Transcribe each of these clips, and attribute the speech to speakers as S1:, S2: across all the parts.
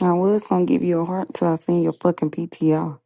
S1: I was gonna give you a heart till I seen your fucking PTR.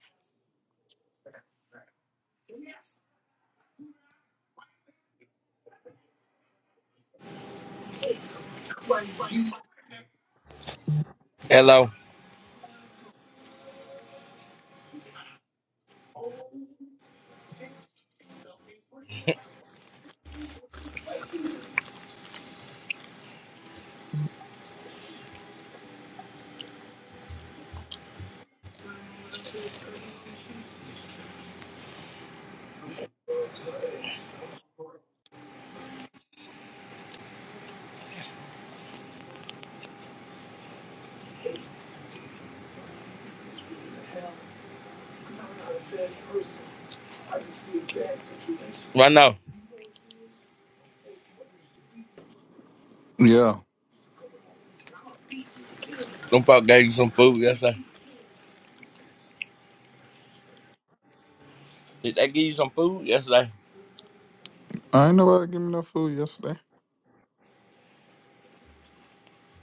S2: I know.
S3: Yeah,
S2: Some folk gave you some food yesterday. Did they give you some food yesterday
S3: I ain't nobody give me no food yesterday.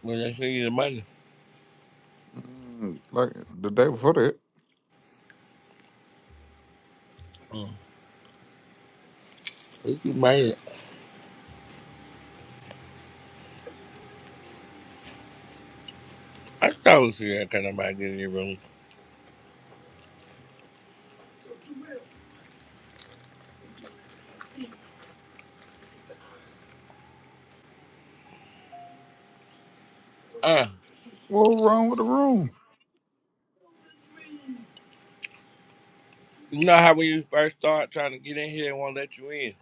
S2: when they sent you the money?
S3: Mm, like the day before that.
S2: Mm. What you made? I still see that kind of mind in your room. Uh,
S3: What wrong with the room?
S2: you know how when you first start trying to get in here, they won't let you in.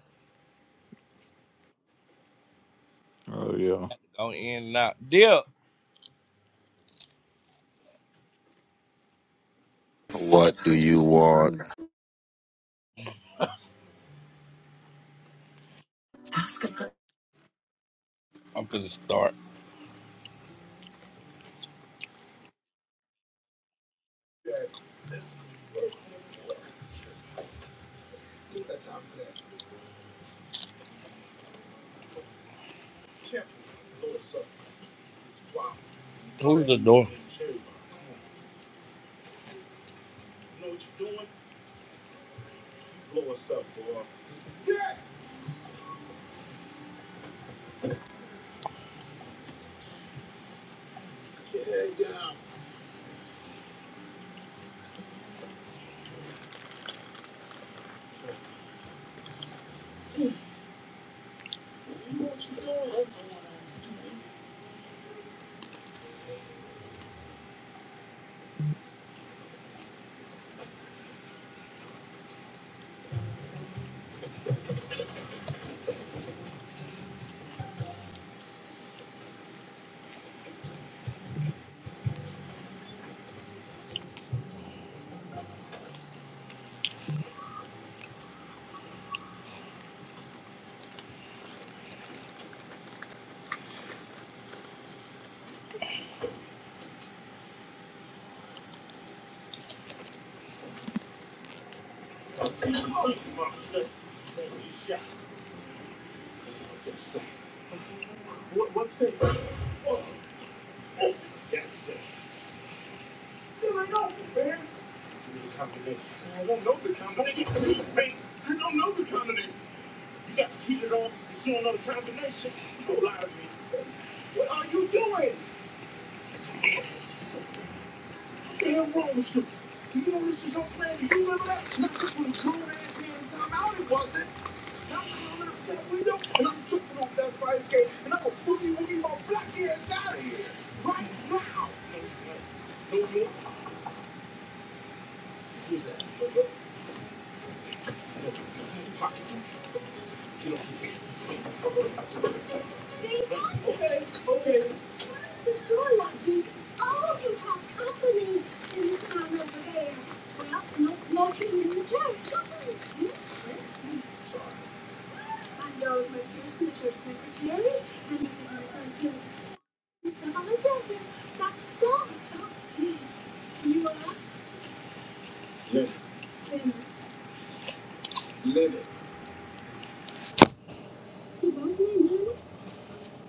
S3: Oh yeah.
S2: Go in and out. Deal.
S4: What do you want?
S2: I'm finna start. Who's the door?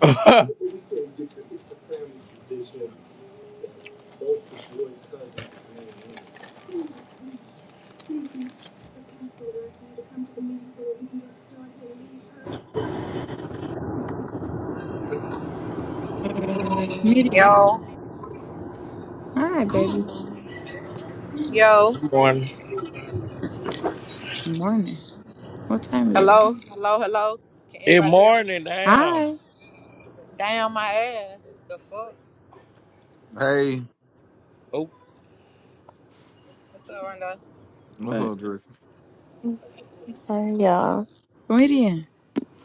S5: Uh, comedian.
S6: Yo,
S5: Hi, baby.
S6: yo,
S2: Good morning.
S5: Good morning. What time is it?
S6: hello, hello, hello. Can
S2: Good
S6: anybody hear me?
S2: morning, now.
S5: Hi.
S6: Damn my ass. The fuck?
S3: Hey,
S2: Oh,
S6: What's up, Rondo?
S3: what's
S5: Fuck.
S3: up, Drake?
S7: Hey y'all,
S5: Comedian.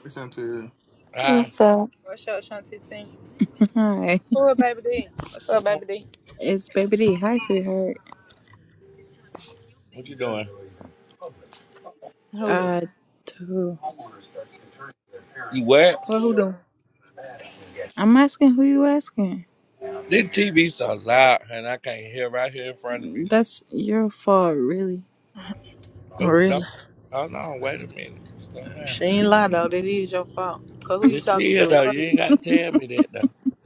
S3: What's into you?
S2: hi.
S7: what's up?
S6: What's up, Shanti T?
S5: Hi.
S6: Who up, baby D? What's
S2: Good
S6: up,
S2: morning.
S6: baby D?
S5: It's Baby D. Hi, sweetheart.
S2: What you doing?
S6: Who?
S5: Uh, to who?
S2: You what?
S6: What who doing?
S5: I'm asking who you asking.
S2: This TV so loud, and I can't hear right here in front of me.
S5: That's your fault, really.
S2: Oh, no.
S6: Really?
S2: Hold on. Wait a minute. Slow down.
S6: She ain't lie though. That is your fault. Cause who you
S2: This
S6: talking
S2: here
S6: to?
S2: though.
S6: What
S2: You ain't got to tell me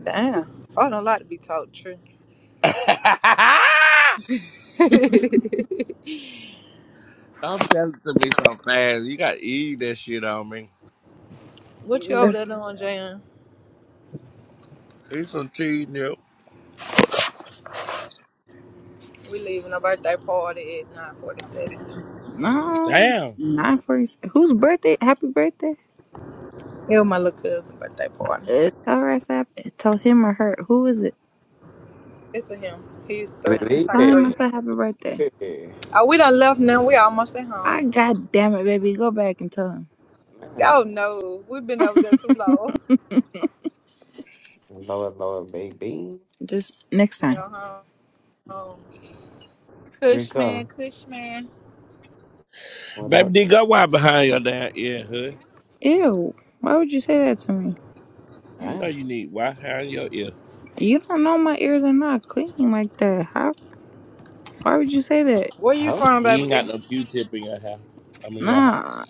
S6: Damn. I don't like to be talked to.
S2: that, though. Don't tell it to me so fast. You got to eat that shit on me.
S6: what you over
S5: That's
S6: there doing, Jan?
S2: Eat some cheese, Nip.
S6: We leaving a birthday party at nine forty-six.
S5: No,
S2: Damn.
S5: not for Whose birthday? Happy birthday.
S6: It was my little cousin's birthday party.
S5: Uh, tell her I said, tell him or her. Who is it?
S6: It's a him. He's three. He
S8: Baby,
S5: Tell
S6: turned
S8: baby.
S5: him
S6: 30
S5: I
S6: today.
S5: said happy birthday.
S6: Oh, we done left now. We almost at home.
S5: I god damn it, baby. Go back and tell
S8: Man,
S6: Oh
S8: what's
S6: no, we've been over there too long.
S5: him.
S8: lower, lower, baby?
S5: Just next
S6: To
S5: time.
S6: go home. Cush man,
S8: Drinker, what
S2: Baby
S8: up?
S2: D, go wipe behind your damn ear, huh?
S5: Ew. Why would you say that to me?
S2: You know
S8: Damn,
S2: you need wipe behind your ear.
S5: You don't know my ears are not clean like that. How? Why would you say that?
S6: Where you
S8: help?
S6: from,
S2: You
S6: baby?
S2: ain't got
S6: D?
S2: no Q-tip in your house. I mean, your house.
S5: Nah.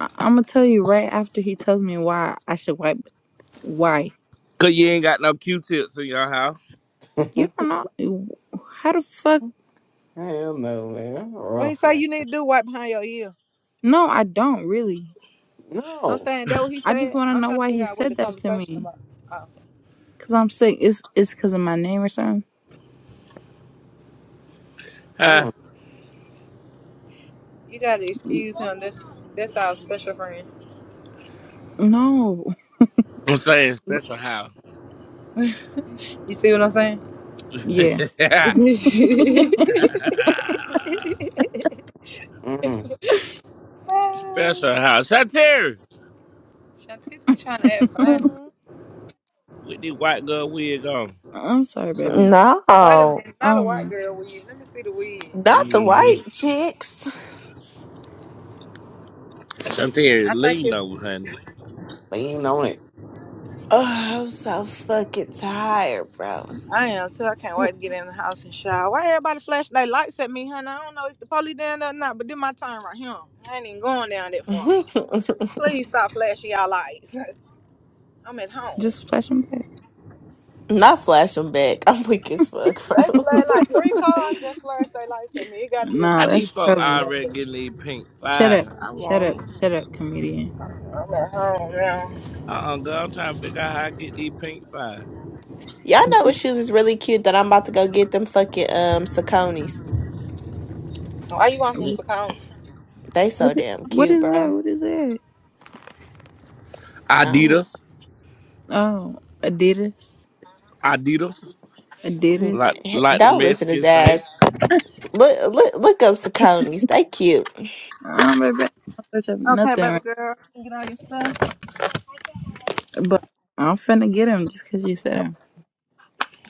S5: I- I'm gonna tell you right after he tells me why I should wipe. Why?
S2: Because you ain't got no Q-tips in your house.
S5: You
S8: Hell
S5: don't know. How the fuck?
S8: no, man.
S6: What he
S8: Rough,
S6: say
S8: man.
S6: you need to do right behind your ear.
S5: No, I don't really.
S6: I'm
S8: No,
S6: saying that what he
S5: I just
S6: said.
S5: want to
S6: I'm
S5: know
S6: trying to
S5: why
S6: figure
S5: he
S6: out what the
S5: said that to
S6: conversation
S5: me.
S6: about. Oh,
S5: Cause I'm sick. It's it's cause of my name or something.
S2: Huh?
S8: no.
S6: you gotta excuse him. That's that's our special friend.
S5: No.
S2: I'm saying special house.
S6: You see what I'm saying?
S5: Yeah.
S6: Shantisi
S8: Mm,
S2: Special house. Santeri!
S6: trying to add fun.
S7: Mm,
S2: With the white girl wig on.
S5: I'm sorry, baby.
S6: Wait a
S7: No,
S6: minute, not a white
S5: Um,
S6: girl wig. Let me see the wig.
S7: not the
S2: Mm-hmm.
S7: white chicks.
S2: Santeri,
S6: I think
S2: lean
S6: it's
S2: over, honey.
S8: lean on it.
S7: Oh, I'm so fucking tired, bro.
S6: I am too. I can't wait to get in the house and shower. Why everybody flash their lights at me, honey? I don't know if the police down there or not, but this my time right here. I ain't even going down that far. Please stop flashing y'all lights. I'm at home.
S5: just flash him back.
S7: not flashing back. I'm weak as fuck,
S6: They
S7: bro.
S6: flash like three cars just flashed their lights at me. It gotta be a
S5: Nah,
S2: How these
S6: police
S5: that's
S6: in
S2: folk
S6: there. and
S5: trouble.
S6: that's
S2: already
S6: it.
S2: getting these pink
S5: Shut up.
S2: five? I
S5: Shut up.
S2: want them.
S5: Shut up, comedian.
S6: I'm at home now.
S2: Uh-uh, girl, I'm trying to figure out how I get these pink five.
S7: y'all know what shoes is really cute that I'm about to go get them fucking um Saconis.
S6: Why you want some
S2: Mm.
S5: Wh-
S6: seconds?
S7: They
S5: What
S7: so
S5: i-
S7: damn
S5: what
S7: cute,
S5: is that?
S7: bro.
S5: What is that?
S7: I
S2: Adidas.
S5: Oh, Adidas.
S2: Adidas.
S7: don't,
S2: Like
S5: Adidas.
S2: like the
S7: don't listen to
S2: Mexicans
S7: that.
S2: say.
S7: Look, look, look up Saconis. They cute.
S5: I'm right back. I'm search up
S6: Okay,
S5: nothing
S6: baby
S5: right
S6: girl. Get all your stuff.
S5: now, but I'm finna get him just 'cause you said him.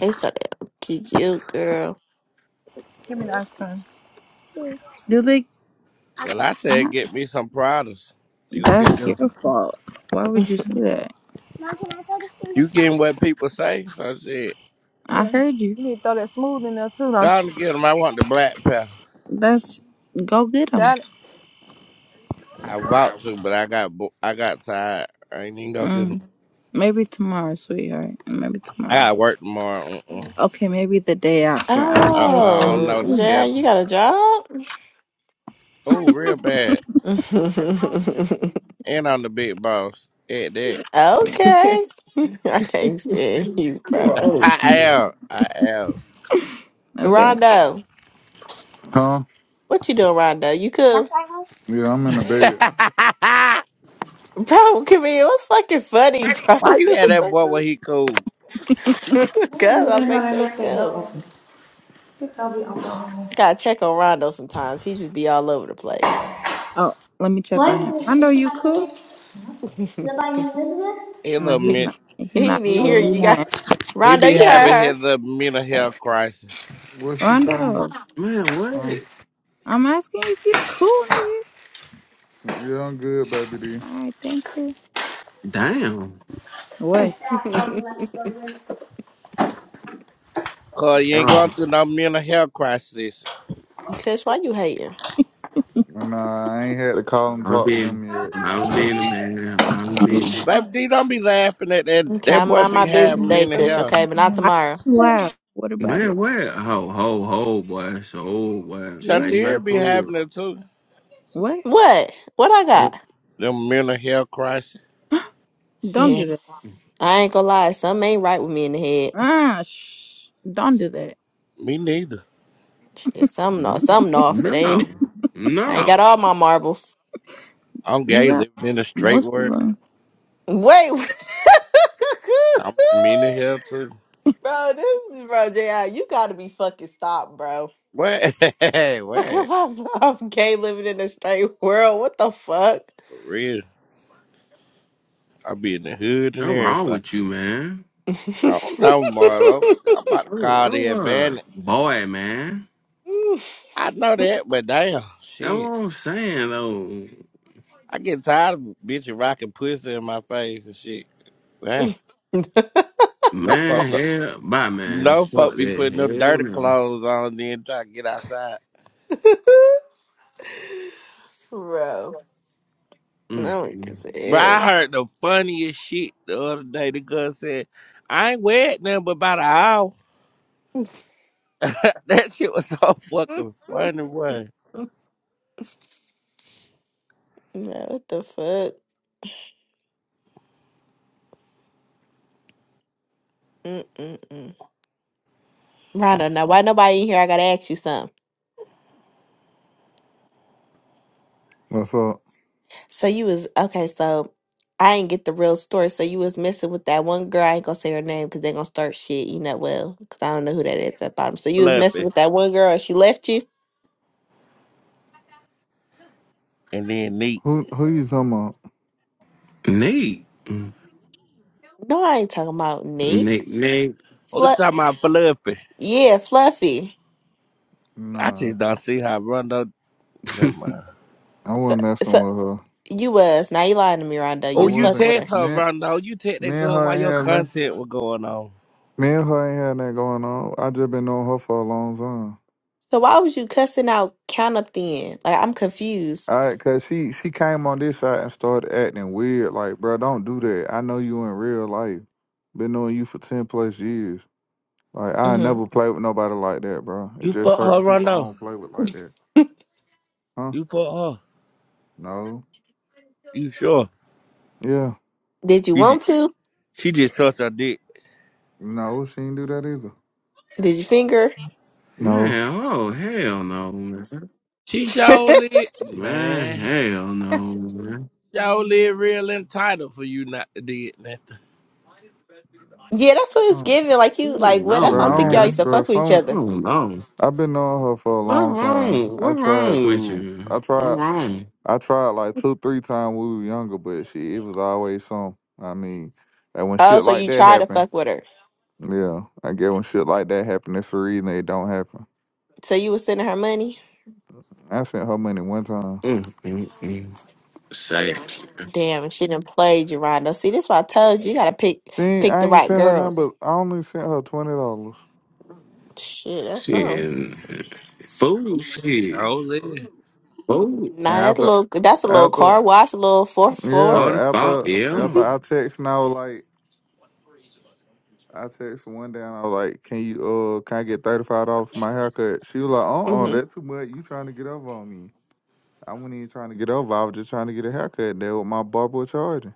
S7: They so damn cute, girl.
S6: Give me the ice cream.
S5: Do they
S2: Well, I said
S5: Nah,
S2: get me some Pradas. You gonna get
S5: that's
S2: them.
S5: your fault. Why would you say that?
S6: Mom, can I throw this in the
S2: You getting
S6: bathroom?
S2: what people say? So I said,
S5: I
S6: Yeah.
S5: heard you.
S6: You need to throw that smooth in there too,
S2: go
S6: don't
S2: on
S6: you?
S2: and get them. I want the black pair.
S5: That's go get him.
S6: Got
S2: I about to, but I got bo- I got tired. I ain't even gonna get. them.
S5: Mm. Maybe tomorrow, sweetheart. Maybe
S2: I
S5: tomorrow.
S2: got work tomorrow. Mm-mm.
S5: Okay, maybe the day after. I don't
S2: I,
S5: know what you
S2: I
S5: want
S2: don't
S5: me to
S7: Oh,
S2: know the
S5: say.
S7: Jared, you
S2: schedule.
S7: got a job?
S2: Oh, real bad. And I'm the big boss at that.
S7: okay. I can't stand you, bro.
S8: Wrong
S2: I
S8: with
S2: am.
S8: you?
S2: I am.
S5: Okay.
S7: Rondo,
S3: Huh?
S7: what you doing, Rondo? You cool?
S6: it.
S3: Yeah, I'm in the bed.
S7: Bro, come here. What's fucking funny, bro?
S2: Why you at that boy
S7: Cause
S2: when he cool?
S7: I'll make sure he cool. Gotta check on Rondo sometimes. He just be all over the place.
S5: Oh, let me check
S6: Var
S5: on him.
S6: mı?
S5: Rondo,
S6: İsim
S5: you cool?
S6: adını?
S7: he
S6: Zaman
S7: didn't
S6: yıldız mı?
S2: He
S5: No,
S2: little
S5: he's
S2: men.
S5: not. He not
S7: even
S2: He,
S5: cool.
S7: hear you.
S5: He
S7: You
S6: Doğru.
S7: got
S5: not.
S2: he
S7: Rondo,
S2: be
S7: you
S2: having
S7: heard
S2: his little mental health crisis.
S3: What she say?
S5: Rondo,
S8: Man, what?
S3: Huh?
S5: I'm asking if you cool, nigga.
S3: yeah, I'm good, baby D.
S5: All right, thank you.
S8: Damn.
S5: What?
S7: her.
S6: Ya the doğru.
S2: Cause you ain't going
S8: Um,
S2: through no mental health crisis.
S7: Kush, why you hating?
S3: And Nah, I ain't had to call and
S8: I'm
S3: talk to
S8: being,
S3: them
S6: Mama,
S3: yet.
S8: I'm
S6: what is
S8: being, man, I'm being,
S2: Baby D, don't be laughing at that.
S7: Okay, I
S2: That boy
S7: mind
S2: be
S7: my business
S2: having
S7: today,
S2: mental
S7: Kush,
S6: this?
S2: health.
S7: okay, but not
S5: I like
S7: tomorrow.
S5: to laugh. What about
S8: man,
S5: it?
S8: what? Ho, ho, ho, boy. So, boy,
S5: Yeah.
S8: find you got to
S2: Chantier be
S8: play
S2: having
S8: with.
S2: it too.
S5: What?
S7: What? What I
S2: Them,
S7: got?
S2: them mental health crisis.
S5: Don't
S7: Shit.
S5: do that.
S7: I ain't gonna lie, something ain't right with me in the head.
S5: Ah, shh. Don't do that.
S2: Me neither.
S7: Shit, something
S8: No,
S7: off something off.
S8: no,
S7: It ain't
S8: no.
S7: I ain't got
S8: Nothing
S7: all my marbles.
S2: I'm
S5: You
S2: gay,
S5: got
S2: living in a straight
S5: most of
S2: world.
S5: 'em.
S7: Wait
S2: I'm mental health too.
S7: Bro, this is bro, JI, you gotta be fucking stopped, bro.
S2: What?
S7: Talk
S2: what?
S7: about some gay living in a straight world. What the fuck?
S2: For real. I be in the hood and
S8: wrong
S2: everything.
S8: with you, man.
S2: I don't know, Marlo. I'm about to
S8: Oh,
S2: call the
S8: oh, uh,
S2: advantage.
S8: boy, man.
S2: I know that, but damn,
S8: That's what
S2: shit.
S8: I'm saying, though.
S2: I get tired of bitches rocking pussy in my face and shit. Man, no folk, no,
S8: Man, hell, bye, man.
S2: no
S8: Fuck
S2: folk be
S8: that.
S2: putting them
S8: Hell
S2: dirty
S8: no.
S2: clothes on then try to get outside.
S7: bro.
S8: Mm,
S7: No one can
S8: mm.
S7: say
S2: But
S7: hell.
S2: I heard the funniest shit the other day. The girl said, I ain't wet nothing but about an hour. that shit was so fucking funny, boy.
S7: Bro, what the fuck? Mm-mm-mm. I now why nobody in here. I gotta ask you something.
S3: What's up?
S7: So you was okay. So I ain't get the real story. So you was messing with that one girl. I ain't gonna say her name because they gonna start shit. You know well because I don't know who that is at bottom. So you was messing
S2: Fluffy.
S7: with that one girl and she left you.
S2: And then neat.
S3: Who who you talking about?
S8: Nate. Mm.
S7: No, I ain't talking about Nick.
S8: Nate, Nate.
S2: Oh, you
S7: Fluff.
S2: talking about Fluffy.
S7: Yeah, Fluffy.
S2: I
S3: Nah,
S2: just don't see how Rondo. Never mind.
S3: I
S7: So
S3: wasn't messing
S7: so
S3: with her.
S7: you was now you lying to me, Rondo.
S3: I
S7: You
S2: Oh,
S7: was
S2: you
S7: fuck
S3: wasn't.
S7: with her.
S2: text her,
S3: Me,
S2: Rondo. You text that
S3: me and
S2: girl
S3: her
S2: while
S3: ain't
S2: your
S3: had nothing.
S2: content was going on.
S3: Me and her ain't had nothing going on. I just been knowing her for a long time.
S7: So why was you cussing out count up then? Like I'm confused.
S3: All right, cause she she came on this side and started acting weird. Like, bro, don't do that. I know you in real life. Been knowing you for ten plus years. Like, I
S7: hmm
S3: never play with nobody like that, bro. It's
S2: You
S3: just
S2: fuck her,
S3: certain people I
S2: Rondo.
S3: don't play with like that. Huh?
S2: You fuck her.
S3: No.
S2: You sure?
S3: Yeah.
S7: Did you
S2: You ju-
S7: want to?
S2: she just sucks her dick.
S3: No, she didn't do that either.
S7: Did you finger?
S3: No.
S8: man, oh, hell no, man.
S2: She surely,
S8: Man,
S2: man,
S8: hell no, man.
S2: surely real entitled for you not to do it,
S7: Yeah, that's what it's
S3: Uh,
S7: giving. Like
S8: Oh,
S7: you, like what?
S8: No,
S7: That's why
S3: bro,
S7: I'm thinking
S3: I
S7: y'all
S3: don't,
S7: used
S8: man.
S7: to
S3: bro.
S7: fuck with each
S3: Some
S8: I
S7: other.
S8: don't know.
S3: I've been knowing her for a
S8: What
S3: long time.
S8: wrong?
S3: I
S8: What
S3: tried
S8: wrong with
S3: to.
S8: you?
S3: I
S8: What
S3: tried.
S8: wrong?
S3: I tried like two, three times when we were younger, but she it was always some. I mean, and when
S7: Oh,
S3: shit
S7: so
S3: like
S7: you
S3: that
S7: tried to
S3: happened.
S7: fuck with her.
S3: Yeah, I get when shit like that happen, it's a reason they don't happen.
S7: So you was sending her money.
S3: I sent her money one time.
S8: Mm-mm-mm. Say
S7: Damn, and she didn't play Rondo. See, this why I told you, you gotta pick
S3: See,
S7: pick
S3: I
S7: the
S3: ain't
S7: right
S3: sent her nothing,
S7: girls.
S3: but I only sent her twenty dollars.
S7: Shit, that's some.
S8: shit. Food shit.
S2: Oh, listen.
S8: Food.
S3: And
S7: Nah, that
S3: after,
S7: little that's a little
S3: after,
S7: car wash, a little four four.
S8: All the
S3: yeah,
S8: fault,
S3: after,
S8: yeah.
S3: after I text and I was like, I text one day and I was like, "Can you uh, can I get thirty five dollars for my haircut?" She was like, "Uh, uh
S7: Mm-hmm.
S3: that's too much. You trying to get over on me? I wasn't even trying to get over. I was just trying to get a haircut. That what my barber was charging."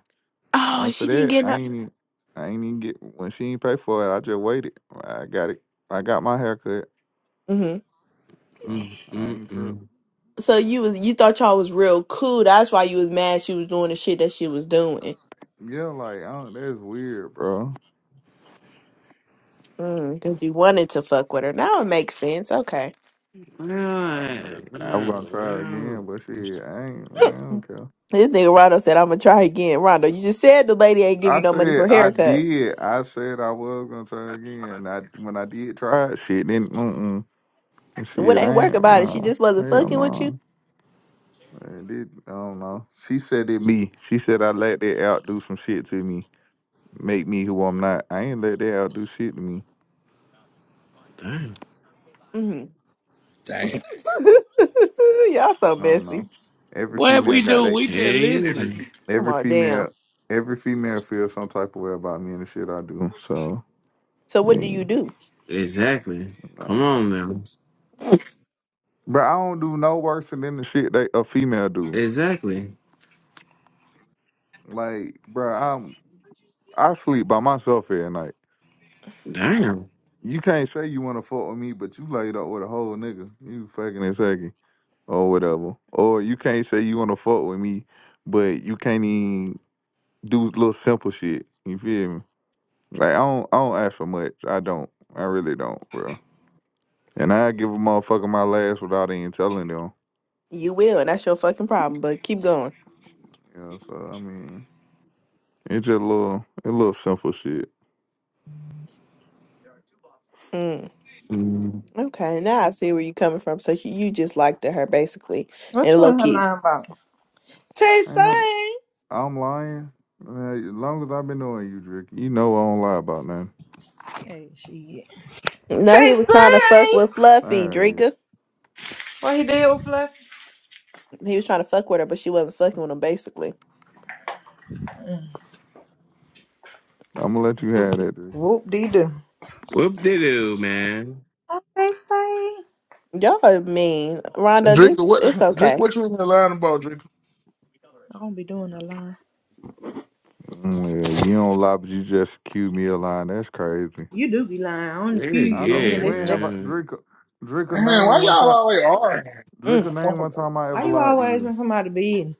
S7: Oh,
S3: After
S7: she didn't
S3: that,
S7: get
S3: I
S7: no.
S3: ain't even- I ain't even get when she ain't pay for it. I just waited. I got it. I got my haircut,
S7: hmm
S3: so
S8: Mm,
S3: I
S8: mm,
S3: ain't trip.
S8: mm.
S7: So you was you thought y'all was real cool. That's why you was mad she was doing the shit that she was doing.
S3: Yeah, like I don't, that's weird, bro.
S7: Because you wanted to fuck with her. Now it makes sense. Okay.
S8: Yeah,
S3: Like I'm gonna
S8: well,
S3: try
S8: well,
S3: again, but shit, I ain't man. I don't care.
S7: This nigga Rondo said, I'm gonna try again. Rondo, you just said the lady ain't give
S3: I
S7: you no money
S3: said
S7: for
S3: I
S7: haircut.
S3: did. I said I was gonna try again. I when I did try it, shit, then mm mm,
S7: What
S3: shit,
S7: ain't
S3: I
S7: work
S3: ain't
S7: about it? She
S3: no
S7: just wasn't
S3: hell
S7: fucking with you.
S3: no. I did I don't know. She said it me. She said I let that out do some shit to me. make me who I'm not. I ain't let that outdo shit to me.
S8: damn.
S7: hmm
S2: Damn.
S7: Y'all so
S3: I don't know.
S7: messy.
S3: Every
S2: What
S3: female
S2: we
S3: got
S2: do?
S3: that.
S2: We
S8: Yeah,
S2: just listening.
S8: yeah.
S7: Come
S3: Every
S7: on, damn.
S3: female, every female feels some type of way about me and the shit I do. So,
S7: So what do you
S3: man,
S7: do?
S8: Exactly. Come
S3: man.
S8: on man,
S3: but I don't do no worse than the shit that a female do.
S8: Exactly.
S3: Like, bro, I'm I sleep by myself every night.
S8: Damn.
S3: You can't say you want to fuck with me, but you laid up with a whole nigga. You fucking and sucking or whatever. Or you can't say you want to fuck with me, but you can't even do little simple shit. You feel me? Like I don't, I don't ask for much. I don't. I really don't, bro. And I give a motherfucker my last without even telling them.
S7: You will, and that's your fucking problem. But keep going.
S3: You know, so I mean, it's just a little, it's a little simple shit.
S7: Mm.
S8: Mm.
S7: Okay, now I see where you coming from. So she, you just liked her basically,
S6: What
S7: and
S6: you
S7: low
S6: in her
S7: key.
S6: line about? Tay
S3: I know
S6: Say.
S3: I'm lying. Uh, As long as I've been knowing you, Drake, you know I don't lie about nothing.
S6: Hey, shit.
S7: No, he
S6: Tay
S7: was trying to fuck
S6: Say.
S7: with
S3: All
S7: Fluffy
S3: right,
S7: Drinker.
S6: What he did with Fluffy?
S7: He was trying to fuck with her, but she wasn't fucking with him. Basically,
S3: I'm gonna let you have that, Drake.
S6: Whoop dee doo.
S8: Whoop de doo, man.
S6: Tay Say.
S7: y'all are mean. Rondo,
S9: Drake,
S7: this it's
S9: what Drake,
S7: okay.
S9: what you in there lying about, Drake?
S6: I don't be doing a line.
S3: Mm, yeah, you don't lie, but you just cue me a line. That's crazy.
S6: You do be lying. I only
S8: Yeah,
S6: accuse
S3: I
S6: you and
S3: don't.
S6: then
S8: yeah,
S6: that's
S3: When have
S6: that.
S3: I Drake?
S8: man.
S3: Drake a
S9: Man,
S3: name
S9: why
S3: one
S9: y'all
S3: time.
S9: always arguing?
S3: Drake
S7: Mm.
S3: a name one
S9: Motherfucker.
S3: time I
S6: Why
S3: ever
S6: you
S3: lied to
S6: always
S3: you.
S6: in somebody's bed?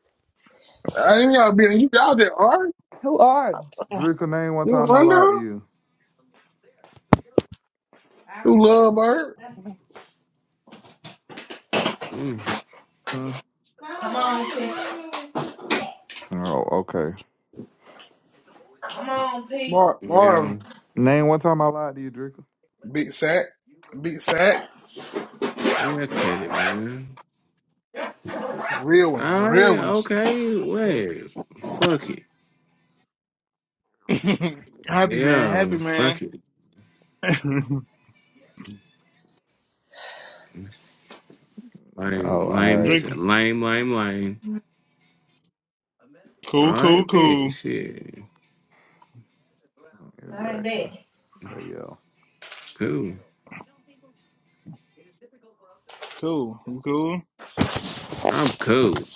S9: I ain't y'all been you y'all just arguing?
S6: Who are you?
S3: Drake a name one
S9: You
S3: time I
S9: run
S3: lied to
S9: down?
S3: you.
S9: You love bird?
S8: Mm.
S3: Hmm.
S6: Come on, P.
S3: Oh, okay.
S6: Come on, P.
S9: Mar Marv.
S8: Yeah.
S3: Name one time I lied to you, Drinker.
S9: Big sack. Big sack.
S8: Look at it, man.
S9: Real one.
S8: All right,
S9: Real ones.
S8: okay, wait. Fuck it.
S9: happy man,
S8: Yeah,
S9: happy man.
S8: fuck it. Lime,
S3: Oh, all
S8: lime,
S3: right.
S9: Drake.
S8: lime, lime, lime. All
S9: Cool, cool,
S8: right, bitch.
S9: cool.
S8: Shit.
S6: I ain't
S3: Exactly.
S6: that.
S3: But yo,
S8: Cool.
S9: Cool. You cool?
S8: I'm cool.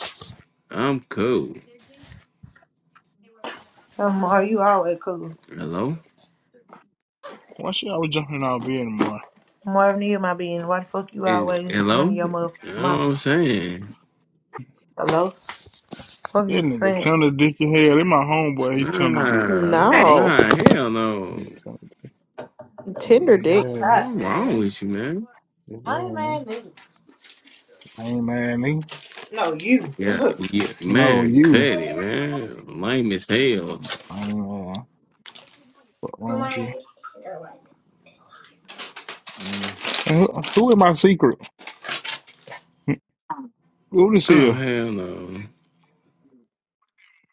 S8: I'm cool.
S6: Um, Mar, you always cool.
S8: Hello?
S9: Why she always jumping out of bed anymore?
S6: Marvin, you my being. Why the fuck you
S8: Eh,
S6: always run
S8: Hello?
S6: your
S8: You
S6: motherfucking
S8: know what
S6: mouth?
S8: I'm saying?
S6: Hello? Fuck you
S9: That nigga
S6: saying?
S9: Tender Dick in hell. That my homeboy, he
S8: Nah,
S9: Tender Dick, man.
S6: Man,
S7: No.
S8: nah, hell no.
S9: He Tender Dick,
S7: Tinder dick.
S9: Tender Dick,
S6: stop,
S8: What's wrong
S6: man.
S8: with you, man?
S9: Yeah,
S6: My man, nigga.
S9: I ain't mad at me.
S6: No, you.
S8: Yeah,
S6: How
S8: yeah,
S9: No,
S8: man, cut
S9: you.
S8: it, man. Lame as hell.
S9: I ain't mad. What wrong with you?
S3: mm.
S9: And Who, who in my secret? Who this
S8: Oh,
S9: here?
S8: hell no.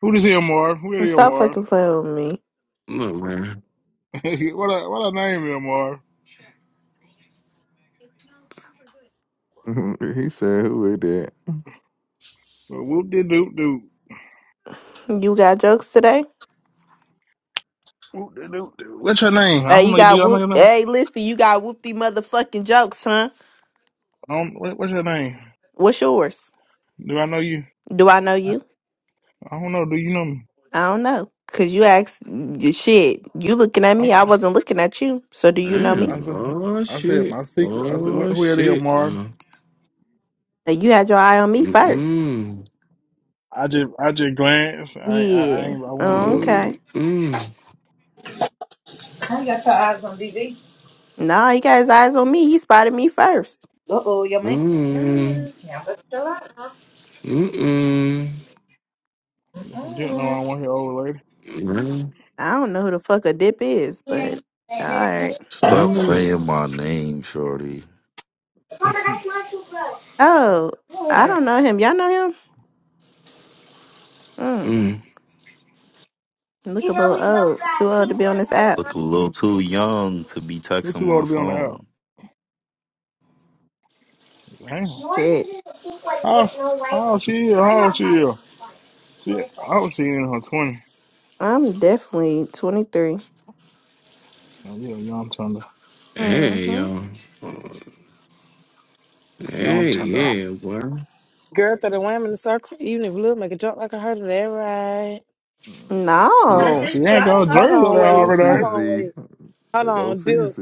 S9: Who this here, Marv? Who
S7: And
S9: this here,
S7: Stop
S8: Look,
S9: Marv?
S7: fucking playing with me.
S8: look, man.
S9: what a what a name here, Marv?
S3: he said, "Who is that?"
S9: Well, Whoop de doop doop.
S7: You got jokes today?
S9: Whoop de doop doop. What's your name? I
S7: Hey,
S9: don't
S7: you
S9: know. Do
S7: got
S9: y'all know
S7: whoop.
S9: your name?
S7: Hey, listen, you got whoopty motherfucking jokes, huh?
S9: I don't, what, what's your name?
S7: What's yours?
S9: Do I know you?
S7: Do I know you?
S9: I don't know. Do you know me?
S7: I don't know. Cause you asked you- shit. You looking at me.
S9: I'm,
S7: I wasn't looking at you. So do you know me?
S9: I
S8: Damn.
S9: said
S8: Oh,
S9: I said
S8: shit.
S9: my secret. I said what,
S8: Oh,
S9: who it is,
S8: shit,
S9: Marv?
S8: no.
S7: Uh, You had your eye on me first.
S8: Mm-mm.
S9: I just I just glanced. I I, I
S7: Yeah.
S9: ain't I went
S7: Oh,
S9: look.
S8: Mm,
S7: Okay.
S8: mm,
S6: you got your eyes on DV?
S7: No, he got his eyes on me. He spotted me first.
S6: Uh oh, your man.
S8: mm,
S6: Mm-mm. Yeah, but chill out.
S8: mm, mm.
S9: Didn't know I went here over later.
S7: I don't know who the fuck a dip is,
S6: Mm.
S7: but all right.
S8: Now
S4: Stop
S8: look at-
S4: saying my name, shorty.
S7: Oh, I don't know him. Y'all know him? Mm.
S8: Mm.
S7: Look a little old. Too old to be on this app.
S4: Look a little too young to be
S9: You're
S4: texting
S9: too old
S4: my
S9: to be on the
S4: phone.
S9: app. Damn.
S7: Shit.
S9: How, how she is? How old she is? She, I hope she in her 20.
S7: I'm definitely 23.
S9: Oh, yeah, young tender.
S8: Hey,
S7: Mm-hmm.
S8: yo.
S9: Young
S8: Hey,
S9: tender.
S8: yeah, boy.
S10: Girl, throw the wham in the circle. Even if Lil make a joke like I heard of that, right?
S3: Mm.
S9: She,
S6: Now,
S7: No.
S9: she
S6: sister,
S9: ain't
S6: I
S9: got a
S6: ain't
S3: Uh,
S6: know
S10: Hold
S9: jersey
S6: you were
S10: on,
S9: there
S3: there go
S10: wait.
S6: young.
S9: already.
S10: Hold on,
S3: CZ.
S10: wait. Hold
S3: There go
S10: on, Dip.
S3: CZ.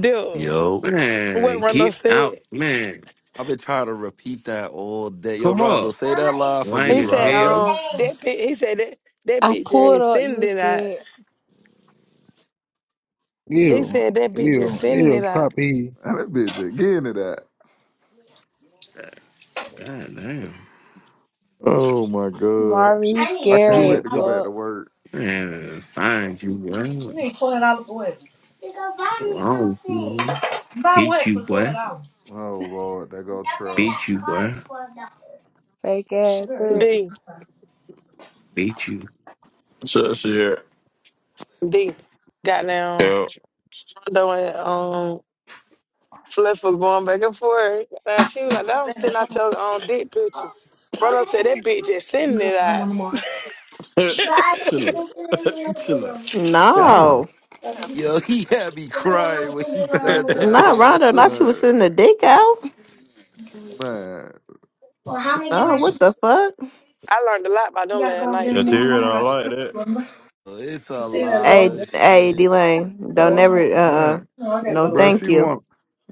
S10: Dip.
S4: Yo.
S8: Man,
S10: What Rondo
S8: get out,
S10: said?
S8: man.
S4: I've been trying to repeat that all day. Yo,
S8: Come
S4: Rondo,
S8: up.
S4: say
S6: Mama
S4: that
S6: it's
S4: line for
S8: Lame
S4: me,
S10: He
S6: sticking
S8: as
S10: said,
S6: when you're
S4: Rondo.
S8: hell.
S10: um, that bitch, he said that, that
S11: I
S10: bitch
S11: pulled
S10: just
S11: up, you
S10: sending
S11: was
S10: it out.
S11: scared.
S10: He
S9: Ew.
S10: said that bitch just
S9: Ew.
S10: sending
S9: Ew.
S10: it out.
S9: Trap E.
S3: And that bitch again to that.
S8: God damn.
S3: Oh my god,
S11: Marvin,
S9: She,
S11: you
S6: I
S3: I
S6: need
S3: can't
S6: $12
S9: she,
S11: scary
S9: she,
S11: as
S3: wait to go
S9: yeah.
S3: back
S11: fuck.
S3: to work.
S8: Man, find you, boy.
S6: You
S8: What's
S6: need twelve dollars for what? to go buy me
S8: Wrong with you, man?
S6: something. Buy
S8: Beat
S6: what
S8: you,
S6: for twelve
S8: boy.
S6: dollars?
S3: Oh lord, there go
S6: After
S3: Trump.
S6: that
S8: Beat you,
S6: card,
S8: boy.
S6: $12.
S11: Fake ass threats.
S10: D,
S8: Beat you.
S12: Shakira.
S10: D. Goddamn,
S12: Yo.
S10: Rondo and, um, Fluff was going back and forth. Now she was like, now I'm sending out your, um, dick picture.
S6: Oh,
S10: Rondo said
S6: okay.
S10: that bitch just
S6: You
S10: sending
S6: gonna
S10: it
S6: come
S10: out.
S6: on tomorrow? But I don't
S12: Chill out.
S6: think it's in
S12: Chill
S6: the
S12: out.
S8: Damn.
S7: No.
S6: living room.
S4: Yo, he had me
S6: Because I'm
S4: crying
S6: not
S4: when
S6: going to
S4: he
S6: do my
S4: said
S6: own
S4: that,
S7: Not Rhonda.
S4: yo.
S7: Not you
S6: stuff.
S7: was
S3: Man,
S7: sending the dick out.
S3: man,
S6: Well, how many I
S7: No,
S6: get my
S7: what
S9: Um,
S6: shoes?
S7: the fuck?
S10: I learned a lot by
S6: You
S10: them
S6: gotta
S10: last
S6: go over there
S10: night,
S6: in the morning.
S10: D.
S12: Shantira
S6: Mama
S12: don't
S6: got
S12: like
S6: school.
S12: that.
S6: Remember?
S4: It's
S6: You
S4: a
S6: still gotta go
S4: lot
S6: over
S7: Hey,
S4: of
S6: there.
S7: hey,
S4: shit.
S7: D Lane.
S6: Go to
S7: Don't
S6: work.
S7: never uh uh
S3: man,
S6: No, I gotta
S7: no
S6: go to
S3: bruh,
S6: work.
S7: thank
S3: she
S7: you.
S3: want,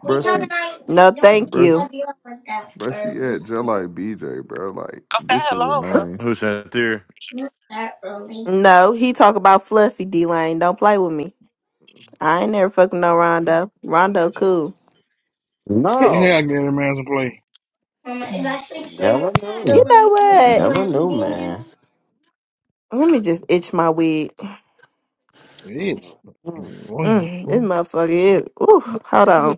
S6: You
S3: bruh,
S6: know,
S3: she,
S6: I
S7: No
S6: don't
S7: thank
S6: even
S3: bruh,
S7: you.
S3: she,
S6: love you up that
S3: bruh, she
S6: early.
S3: at just like BJ, bro. Like,
S10: I said
S3: bitch is
S10: hello. girl.
S3: annoying.
S12: Who Shantira?
S6: Not that early.
S7: No, he talk about fluffy D Lane. Don't play with me. I ain't never fucking no Rondo. Rondo cool.
S9: yeah, I
S8: No.
S9: get a man some play.
S6: Um, if I sleep in
S8: Never
S6: the
S7: You
S8: knew.
S6: living
S7: know
S6: room with
S7: what?
S8: Never
S6: my
S8: knew,
S6: TV in there,
S8: man.
S7: Let me just itch my wig.
S8: Damn,
S9: It's. I mean,
S7: Mm, this motherfucker is. Ooh, hold on.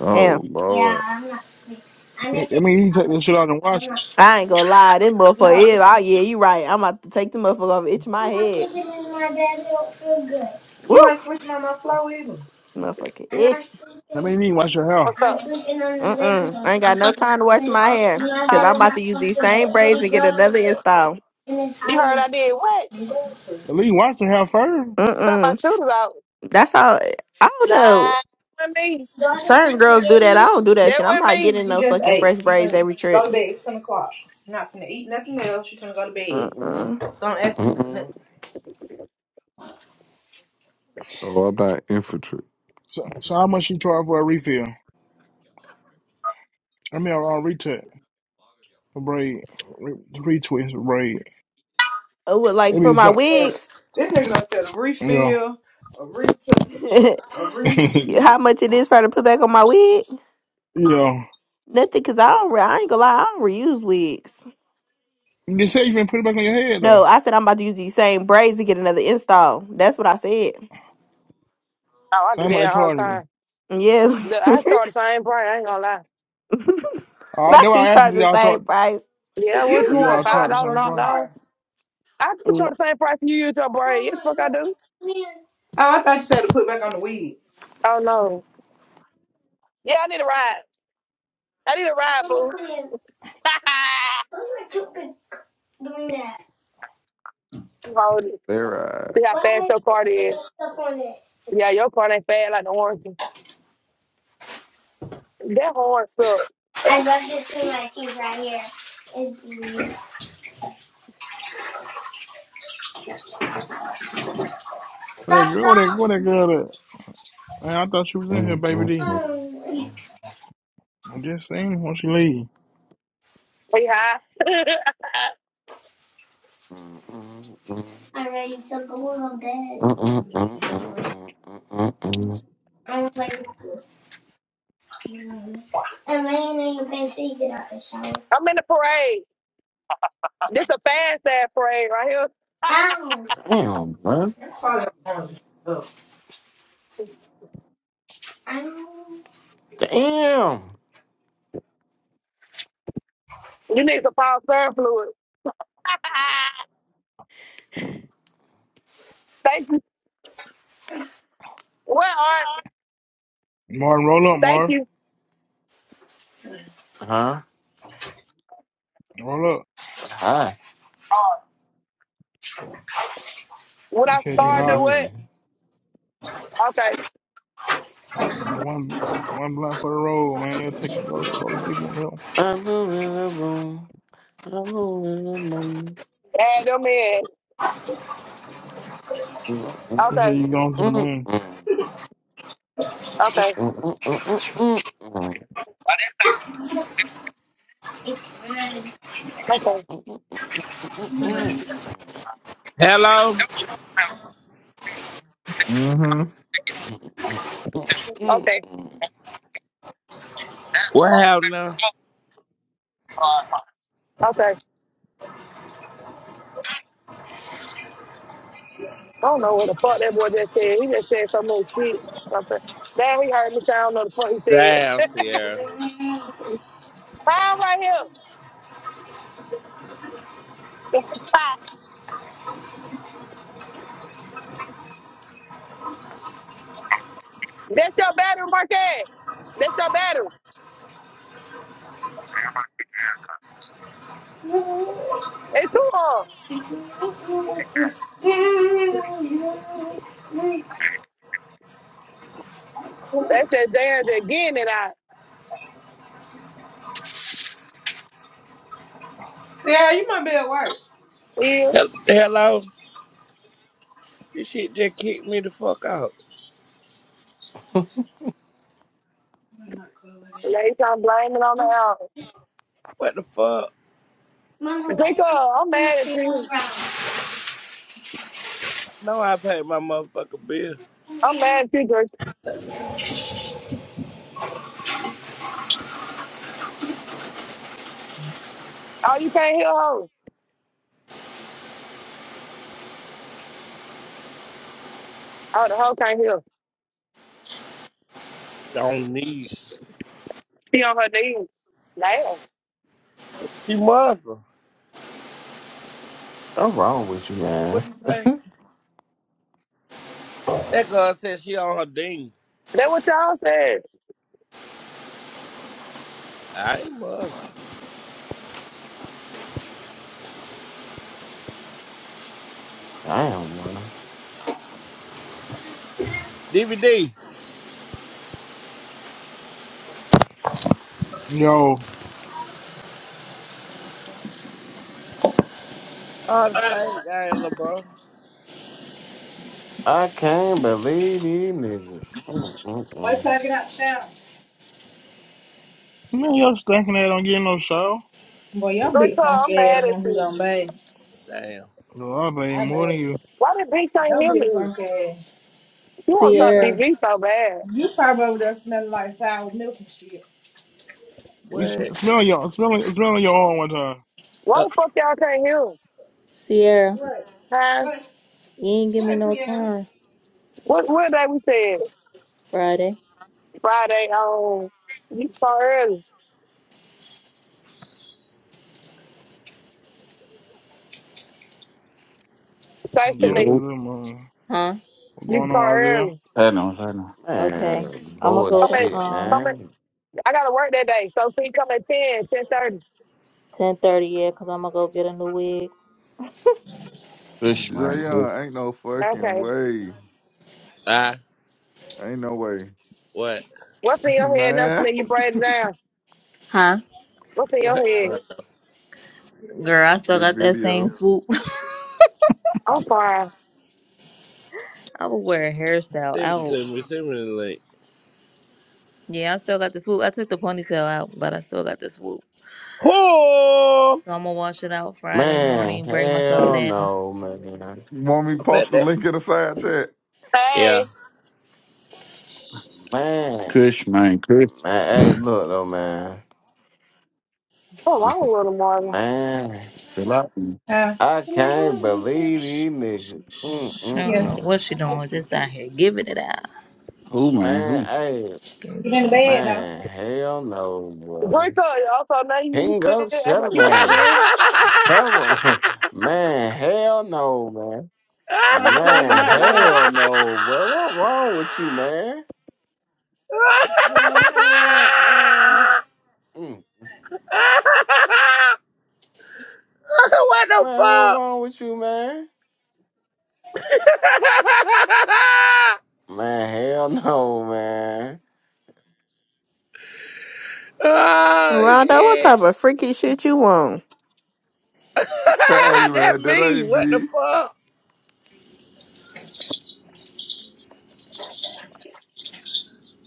S3: Oh
S7: Damn.
S6: yeah,
S3: Lord.
S6: I'm not sleeping. I
S9: you
S6: make it
S9: can take
S6: out.
S9: this shit out and
S6: I'm
S9: wash.
S6: not
S7: I ain't
S6: sleeping.
S7: gonna lie. This motherfucker
S6: Look.
S7: is. Oh, yeah, you right. I'm about to take the motherfucker off. Itch my
S6: I'm not
S7: head.
S6: sleeping in my bed. I don't feel good.
S7: Woo.
S6: You ain't sleeping on my floor either.
S7: Motherfucker
S6: I'm not
S7: itch.
S9: I mean,
S6: sleeping.
S9: you need wash your hair.
S10: What's
S6: I'm
S10: up?
S6: sleeping on the living
S7: Mm-mm.
S6: room
S7: I ain't got no
S6: because
S7: time to wash my hair.
S6: my
S7: Because
S10: Hi.
S6: bed
S7: I'm
S6: is
S7: about to
S6: not
S7: use these
S6: comfortable.
S7: same braids
S6: Only
S7: and get
S6: grandma's
S7: another
S6: bed.
S7: install.
S6: And it's
S10: You
S6: high
S10: heard
S6: enough.
S10: I did what?
S9: At least wash the hair first.
S10: Set my
S7: Mm-mm.
S10: shooters out.
S7: That's how. I don't
S10: Nah,
S7: know.
S10: with me.
S6: Do I get some
S7: Certain girls do that. I
S6: spaghetti?
S7: don't do that
S10: That
S7: shit. I'm
S10: with
S7: not
S10: me.
S7: getting
S6: You
S7: no
S6: just
S7: fucking
S6: ate.
S7: fresh
S6: You
S7: braids every
S6: finna go
S7: trip.
S6: to bed. It's ten o'clock. You're not finna eat nothing else. You finna go to bed.
S7: Mm-mm.
S6: So don't ask me for nothing.
S3: Oh, I'm not infantry.
S9: So, so how much she charge for a refill? I mean, a, a retouch. Braid. Retwist, braid.
S7: Oh, well, like
S9: It be
S7: for
S9: the
S7: my
S9: same.
S6: Yeah.
S7: wigs.
S6: This nigga done said a
S9: Yeah.
S6: refill, a retouch, a re.
S7: how much it is for her to put back on my wig?
S9: yeah.
S7: Nothing, cause I don't. Re- I ain't gonna lie. I don't reuse wigs.
S9: You just said you finna put it back on your head, though.
S7: No, I said I'm about to use these same braids to get another install. That's what I said.
S10: Oh, I
S9: So
S10: do
S9: how
S7: Right.
S9: much
S10: that
S9: they
S10: all the
S9: charging you?
S10: time.
S7: Yeah.
S10: Look, I charge the same price. I ain't gonna lie.
S9: Oh, that's
S7: Not you
S9: why I asked them,
S7: charge
S9: do
S7: the
S9: y'all
S7: same
S9: charge,
S7: price.
S10: Yeah, what
S6: You
S10: you
S9: do
S6: do
S10: want?
S9: y'all
S6: not
S9: charge
S6: charge
S10: Five
S9: the
S6: the
S10: dollars
S9: same
S6: same
S10: knocked
S9: price?
S10: off.
S6: price.
S10: I do
S7: N-
S10: charge the same price you use your braid. Yes,
S6: Mama,
S10: fuck I
S6: look,
S10: do.
S6: come here. Oh, I thought you said to put back on the weed.
S10: Oh no. Yeah, I need a ride. I need a ride,
S6: Mama,
S10: boo.
S6: come here. Why is my toothpick doing that?
S10: You Hold it.
S3: They right.
S10: See how fast
S6: Why is
S10: your car
S6: there
S10: is.
S6: stuff on it?
S10: Yeah, your car ain't fast like the orange. That horn sucks.
S6: I love this through my teeth right here. It's-
S9: Where that
S6: Stop,
S9: girl, where that,
S6: stop.
S9: where that girl at? Man, I thought she was in here, baby D.
S6: Um,
S9: I just seen her when she leave.
S10: Hey, hi.
S6: I ready to go to bed. I'm like, I'm laying in your bed so you get out the shower.
S10: I'm in the parade. This a fast ass parade right here.
S6: Ow!
S8: bro.
S6: Ow.
S8: Damn.
S10: You need some power surf fluid. Thank you. What art?
S9: Martin, roll up,
S10: Thank
S9: Martin.
S10: you.
S8: Huh?
S9: Roll up.
S8: Huh?
S10: When
S9: You
S10: I
S9: said you
S10: start to
S9: high.
S8: Yeah.
S10: what? Okay.
S9: One, one blunt for the road, man. You'll take, go, go to sleep on the hill.
S8: I blew it a boom. I blew it a boom.
S10: Add them in.
S9: You
S10: Okay.
S9: said you going to the moon.
S10: Okay. Okay.
S2: Hello?
S3: Mm-hmm.
S10: Okay.
S2: What happened now?
S10: Okay. I don't know what the fuck that boy just said. He just said so much shit. Something. Damn, he heard me sound. I don't know the fuck he said.
S2: Damn, Sierra.
S10: Fire right here. That's the pot. That's your battery, Marquette. That's your battery. It's too long. That's that damn again that I
S6: Sierra, you might be at work.
S10: feel.
S2: Hel- Hello? This shit just kicked me the fuck out.
S6: I'm not cool with
S10: They trying to blame it on the
S6: it.
S10: album.
S2: What the fuck?
S6: Mama, why is
S10: Draco,
S6: the
S10: I'm
S6: in the
S10: mad at
S6: field
S10: you.
S6: brown?
S2: No, I paid my motherfucking bill.
S10: I'm mad at you, Draco. Oh, you can't hear her. Oh, the hoe can't hear.
S2: Don't need.
S10: She on her knees. Damn.
S2: She Muslim.
S8: What's wrong with you,
S2: What
S8: man?
S2: you say? That girl said she on her ding.
S10: That what y'all said.
S2: I ain't Muslim.
S8: Damn, man.
S2: DVD.
S9: Yo.
S2: Oh, the spank game, little bro.
S8: I can't believe these niggas. Mm, mm,
S6: Why
S8: mm.
S6: till I get out the shower.
S9: Man, you're stacking that on getting no shower.
S6: Boy, y'all big
S10: Draco, I'm
S6: funky ass
S10: mad
S6: the
S10: at
S6: one who
S10: you.
S6: gonna
S2: Damn.
S9: Yo, I pay
S6: I
S9: more than you.
S6: bet.
S10: Why the bitch can't
S6: Y'all
S10: hear
S6: big
S10: me?
S6: funky ass.
S10: You want to
S6: You
S10: talk to
S6: probably,
S13: Sierra,
S10: DV so bad.
S6: you probably over there smelling like sour milk and shit.
S9: You sm-
S2: What?
S9: smell your smell smell your own one time.
S10: Why
S2: Uh,
S10: the fuck y'all can't hear him?
S13: Sierra,
S6: What?
S10: Huh?
S6: What?
S13: you ain't give me
S6: What,
S13: no
S6: Sierra?
S13: time
S10: What, what day we said?
S13: Friday,
S10: Friday, um, you start early. Thanks,
S9: I'm going to
S10: Saturday,
S9: the
S14: Yo,
S9: moon.
S13: huh?
S9: What's
S10: you
S9: going
S10: start
S9: on, Isaiah?
S10: early.
S14: I know, I know.
S13: Okay,
S8: Man,
S13: I'ma go
S10: Come at,
S13: to
S8: bullshit,
S13: um
S10: come at,
S8: man.
S10: I got to work that day. So, see, come at ten, ten thirty.
S13: ten thirty yeah, cause I'ma go get a new wig,
S14: Kush, man, Kush,
S3: Jayon, ain't no fucking
S10: Okay.
S3: way.
S2: I.
S3: Ain't no way.
S2: What?
S10: What's in your head? Nothing
S3: Man.
S10: you braid it down.
S13: huh?
S10: What's in
S2: What?
S10: your head?
S13: Girl, I still
S3: the
S13: got that same
S3: video.
S13: swoop.
S10: I'm fine.
S13: I would wear a hairstyle
S2: Send it
S13: out.
S2: to me. Send me the link.
S13: Yeah, I still got the swoop. I took the ponytail out, but I still got the swoop.
S2: Whore!
S13: So I'm gonna wash it out Friday
S8: Man,
S13: morning, break myself
S8: hell
S13: down.
S8: no, man.
S3: You want me to
S2: I
S3: post
S2: bet
S3: the
S2: that.
S3: link in the side chat?
S2: Yeah.
S10: Hey,
S8: Man,
S14: Kush, man, Kush.
S8: man, hey, look though, man.
S10: what's wrong with Little Marvin?
S8: Man,
S14: Chill out. man.
S6: Huh?
S8: I
S6: Can I go
S8: can't
S6: with you too?
S8: believe these niggas. Mm,
S13: Shh,
S8: mm,
S13: I don't
S6: Yeah.
S13: know
S8: mm.
S13: what she doing, just out here giving it out.
S14: Who, man,
S8: Man,
S14: who?
S8: hey,
S13: Give
S6: Get
S13: it
S6: in
S13: a
S6: the bed though.
S8: man, hell no, boy.
S10: Drink up. Also, now you you
S8: Ping
S10: still
S8: up,
S10: act
S8: shut
S10: like
S8: up
S10: you can't
S8: on.
S10: hear.
S8: Pepper on. Man, hell no,
S6: Try to plug your
S8: Man,
S6: night light up.
S8: hell no, bro. What wrong with you, man? Man, hell, man. Mm.
S2: what the
S8: Man, what
S2: fuck?
S8: wrong with you, man? Man, hell no, man.
S2: oh
S7: Rondo, what
S2: shit.
S7: type of freaky shit you want?
S3: hey
S2: that
S3: man, that
S2: me.
S3: ain't
S2: What the
S3: me.
S2: fuck?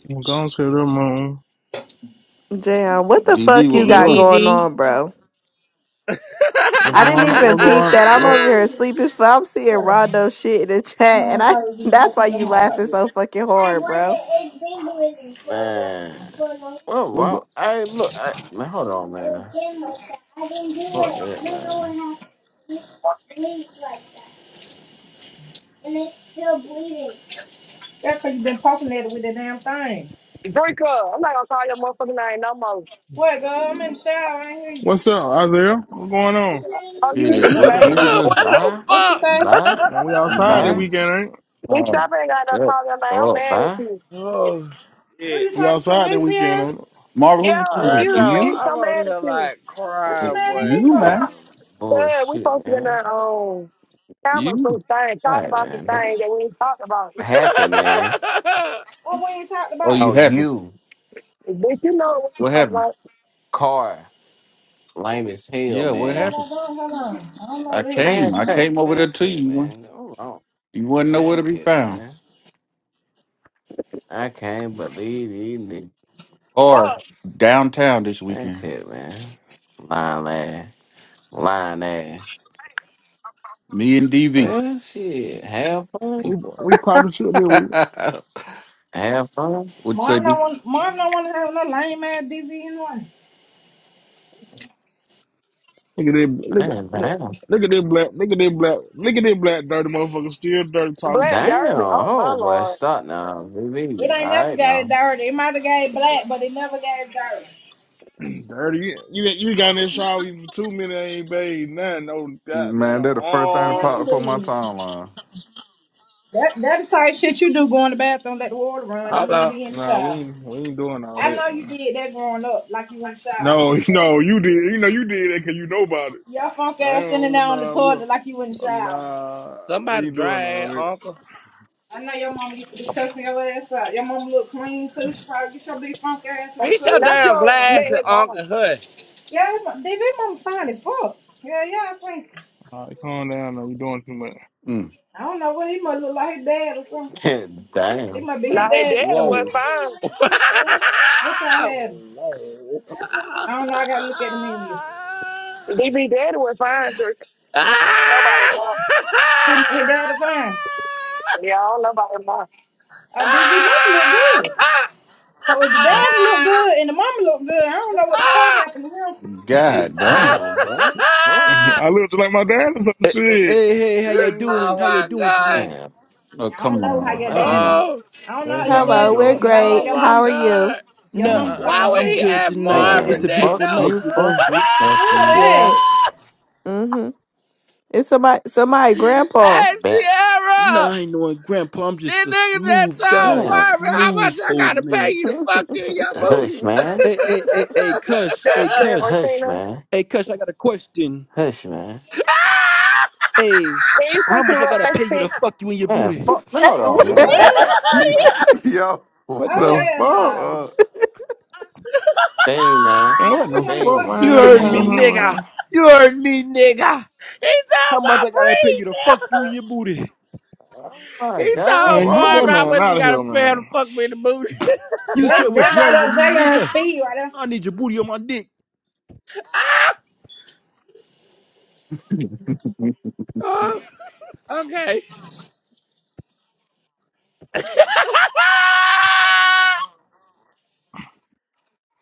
S9: I'm going to the moon.
S7: Damn, what the fuck
S14: DB,
S7: you
S14: what we
S13: Hey,
S7: got
S14: doing?
S7: going
S13: DV.
S7: on, bro?
S9: What's
S7: I
S9: going
S7: didn't
S9: on?
S6: But
S9: What
S7: even
S6: these
S7: peep
S9: going
S7: that.
S6: are
S7: I'm
S9: What
S7: over here
S6: green.
S7: sleeping. For I'm seeing
S6: Sure.
S7: Rondo shit in the
S6: I'm
S7: chat, and
S6: gonna
S7: I.
S6: probably be
S7: That's
S6: talking
S7: why
S6: to your
S7: you
S6: mom about
S7: laughing
S6: this.
S7: so fucking
S6: I
S7: hard, bro.
S6: wasn't in Bingley for a long,
S8: Man.
S6: for a long
S8: What
S9: what
S8: wrong?
S9: go-
S8: Hey, look, I, man, hold on,
S6: uh,
S8: man.
S6: gym like that. I didn't do
S8: Fuck
S6: it. I
S8: that,
S6: don't
S8: man.
S6: know what happened. It bleeds like that, and it's still bleeding. That's because you've been poking at it with the damn thing.
S10: Drink up. I'm not gonna call your motherfucking name no more.
S6: What, girl? I'm in the shower. I ain't hear you.
S9: What's up, Isaiah? What's going on?
S10: Oh, you,
S14: Yeah,
S10: you
S14: what the
S10: babe?
S8: Man,
S14: movie?
S2: what the
S8: bye,
S6: What you
S2: fuck?
S6: say?
S8: bye,
S9: Man, we outside the
S8: bye,
S14: Man,
S9: weekend, ain't?
S10: Bitch,
S14: Marvin,
S10: I ain't got no
S14: yeah.
S10: call your name. I'm
S14: Oh,
S10: mad at
S8: bye.
S10: you.
S2: Oh
S6: Who
S2: shit.
S6: you
S9: We We
S6: talking to?
S9: outside the
S6: Miss
S9: weekend,
S6: Pierre?
S9: ain't? it?
S14: Marvin,
S10: Yeah,
S14: who you
S2: Well,
S14: talking
S10: you,
S2: no,
S10: bitch,
S8: You?
S2: I'm
S10: I'm
S2: over
S10: mad at
S2: here
S10: you.
S2: like
S6: What you
S14: to?
S2: crying,
S6: mad at
S2: boy.
S6: me
S14: You,
S6: for?
S8: Nah,
S14: man,
S10: Yeah, we
S8: bullshit,
S10: supposed to be in
S8: man.
S10: there um, camera
S14: you.
S10: some things,
S8: All
S10: talking
S8: right,
S10: about some
S8: man.
S10: things that we ain't talking about.
S8: Happy, man.
S6: What we ain't talked
S14: Oh,
S6: about?
S14: you
S8: No,
S14: happy?
S8: you.
S10: Bitch, you know what we
S14: What
S10: talking
S14: happened?
S10: about.
S8: Car. Lame as hell,
S14: Yeah,
S6: What
S14: what
S6: the
S8: man.
S6: hell
S14: happened?
S6: I doing? Hold on. I don't know
S14: I
S6: what the hell you
S14: came,
S8: Man,
S14: I
S6: talking
S8: cut.
S6: about.
S14: came over there
S8: Man, cut,
S14: to
S8: it,
S14: you.
S8: man. Go wrong.
S14: You wasn't nowhere
S8: Man,
S14: to be
S8: cut, it,
S14: found.
S8: man. I can't believe these niggas.
S14: Or
S10: Fuck,
S14: downtown this
S8: Man,
S14: weekend.
S8: cut, it, man. Lying ass. Lying ass.
S14: Me and DV.
S8: Well, shit. Have fun.
S9: We we probably should be. We,
S8: Have fun.
S14: What's say,
S6: Marvin
S14: D?
S6: don't want Marvin don't want to have no lame ass DV in one.
S9: look at this. Look, at-
S8: Man,
S9: look,
S8: damn.
S9: look at this black. Look at this black. Look at this black dirty motherfucker still dirty talking
S10: black
S8: Damn.
S9: shit.
S10: dirty. Oh, my
S8: Oh, boy.
S10: lord.
S8: Stop now.
S6: It
S8: BB.
S6: ain't
S8: All
S6: never
S8: right,
S6: got it
S8: now.
S6: dirty. It might have gave black, but it never gave dirty.
S9: dirty. You, you you got in this shower even for two minutes ain't bathed nothing. No
S3: Man,
S9: goddamn
S3: that the first thing that
S9: arm.
S6: Man,
S3: popped
S9: no
S3: up on my
S6: please.
S3: timeline.
S6: That that the type of shit you do go in the bathroom, let the water run.
S2: Hold
S6: Don't even
S2: on.
S6: be in the
S9: Nah, we
S6: shower.
S9: ain't we ain't doing all
S6: I
S9: that.
S6: know you did that growing up, like you in the shower.
S9: No, no, you did. You know you did that 'cause you know about it.
S6: Your funk
S9: I
S6: ass sitting
S9: don't.
S6: down on the
S9: Nah, we
S6: toilet like you wouldn't
S9: don't-
S6: shower.
S9: nah, we
S2: Somebody
S9: ain't
S2: dry
S9: doing all
S2: ass
S9: that.
S2: uncle.
S6: I know your mama used to be cussing your ass out. Your mama look clean too. She probably get your big funk ass in the
S2: Fix your
S6: tub.
S10: Not
S2: damn
S10: your met
S9: Nah,
S2: glasses,
S10: his mama.
S2: Uncle Hood.
S6: Yeah, his mom- DV mama fine as fuck. Yeah, yeah, I think.
S9: all right, calm down. Now you doing too much.
S14: Mm,
S6: I don't know what he must look like his dad or something. He
S8: damn.
S6: must be his
S10: Now, his
S6: dad
S10: daddy
S6: or
S10: was
S2: Whoa.
S10: fine.
S6: something. What y'all have?
S2: Whoa.
S6: I don't know. I don't know. I gotta look at the menu.
S10: DB Daddy would fine? her. Nobody more.
S6: His, his dad will fine.
S10: Y'all, nobody more.
S6: Oh, DV mama look good. So if the
S9: Uh,
S6: dad look good and the mama look good, I don't know what the fuck happened to him.
S14: God damn.
S8: damn, boy. Fuck.
S9: I lived like my dad or some
S15: Hey, hey,
S9: shit.
S15: hey, hey, how y'all
S9: Crazy.
S15: doing?
S2: oh
S9: man.
S15: How y'all
S2: my
S15: doing
S2: god.
S15: tonight?
S8: Man.
S14: Oh,
S6: I
S9: Oh
S6: don't
S14: come
S6: know how
S14: on.
S6: your
S9: lord,
S14: Come
S8: Man.
S14: on.
S6: dad.
S2: Oh.
S6: I don't know
S9: every
S6: how your
S9: time me to
S7: Hello,
S6: dad
S7: we're
S6: look,
S9: go.
S6: but I know
S7: great.
S2: Oh
S6: your
S2: my
S7: How are
S6: mom.
S7: you?
S2: god.
S6: Your
S15: Nah,
S14: Come
S6: mom
S15: I,
S14: on.
S2: Why
S15: I-
S6: fine
S2: would
S15: I'm
S2: he
S6: hey.
S15: good
S2: ask
S15: tonight. It-
S8: Man.
S15: It's
S2: Marvin
S15: a
S2: that
S8: Fuck
S15: beautiful
S2: though?
S8: you.
S15: night, you know.
S8: Fuck you. Fuck
S6: Who
S8: you.
S7: Yeah.
S6: it is?
S7: Mm-hmm. It's somebody, somebody, grandpa.
S2: hey
S8: Man.
S2: Sierra!
S15: Nah, I ain't knowing Grandpa. I'm just
S2: This
S15: a
S2: nigga just
S15: smooth
S2: told
S15: guy,
S8: Man.
S2: Marvin how much
S15: smooth
S2: I
S15: old
S2: gotta pay
S15: man.
S2: you to fuck in your booty.
S8: Hush, man.
S15: Hey, hey, hey, hey, Cush, hey,
S10: Justin
S15: Cush,
S10: or
S8: Hush,
S10: Tina.
S8: man.
S15: hey, Cush. I got a question.
S8: Hush, man.
S2: Ah!
S15: Hey,
S10: Man,
S15: h-
S10: you
S15: how
S10: come to the
S15: much I
S10: little
S15: gotta
S10: face
S15: pay you to
S10: thing.
S15: fuck you in your
S8: Man,
S15: booty?
S8: fuck. Man, hold
S7: Hey, what?
S8: on,
S14: Boy.
S8: man.
S6: What?
S8: Man,
S3: Yo, what
S9: What
S6: Oh
S3: the
S9: the
S6: hell
S9: fuck,
S6: no.
S3: fuck?
S8: Bing, man.
S9: man?
S6: Now
S9: What
S6: I
S9: the
S6: want to
S9: fuck,
S6: put
S8: Bing.
S15: You
S6: Chris in the
S15: heard me,
S8: Bing.
S6: booty.
S15: nigga.
S9: man?
S15: You heard me, nigga.
S2: He told
S15: How much
S2: my
S15: I gotta pay
S2: breed.
S15: you to fuck you in your booty?
S8: Oh, my
S2: he
S8: God. What's
S2: told
S9: Man, get
S8: wrong
S9: that
S2: Marvin
S8: with
S2: how
S9: man
S8: you,
S2: much you
S9: out of
S8: man?
S2: gotta
S9: here,
S2: pay him to
S9: man.
S2: fuck me in the booty.
S15: You said
S6: That
S15: what's
S6: that brought
S15: wrong with
S6: up
S15: me,
S6: Jay on
S15: nigga?
S6: speed right there.
S15: I need your booty on my dick.
S14: Chill
S2: Oh, okay.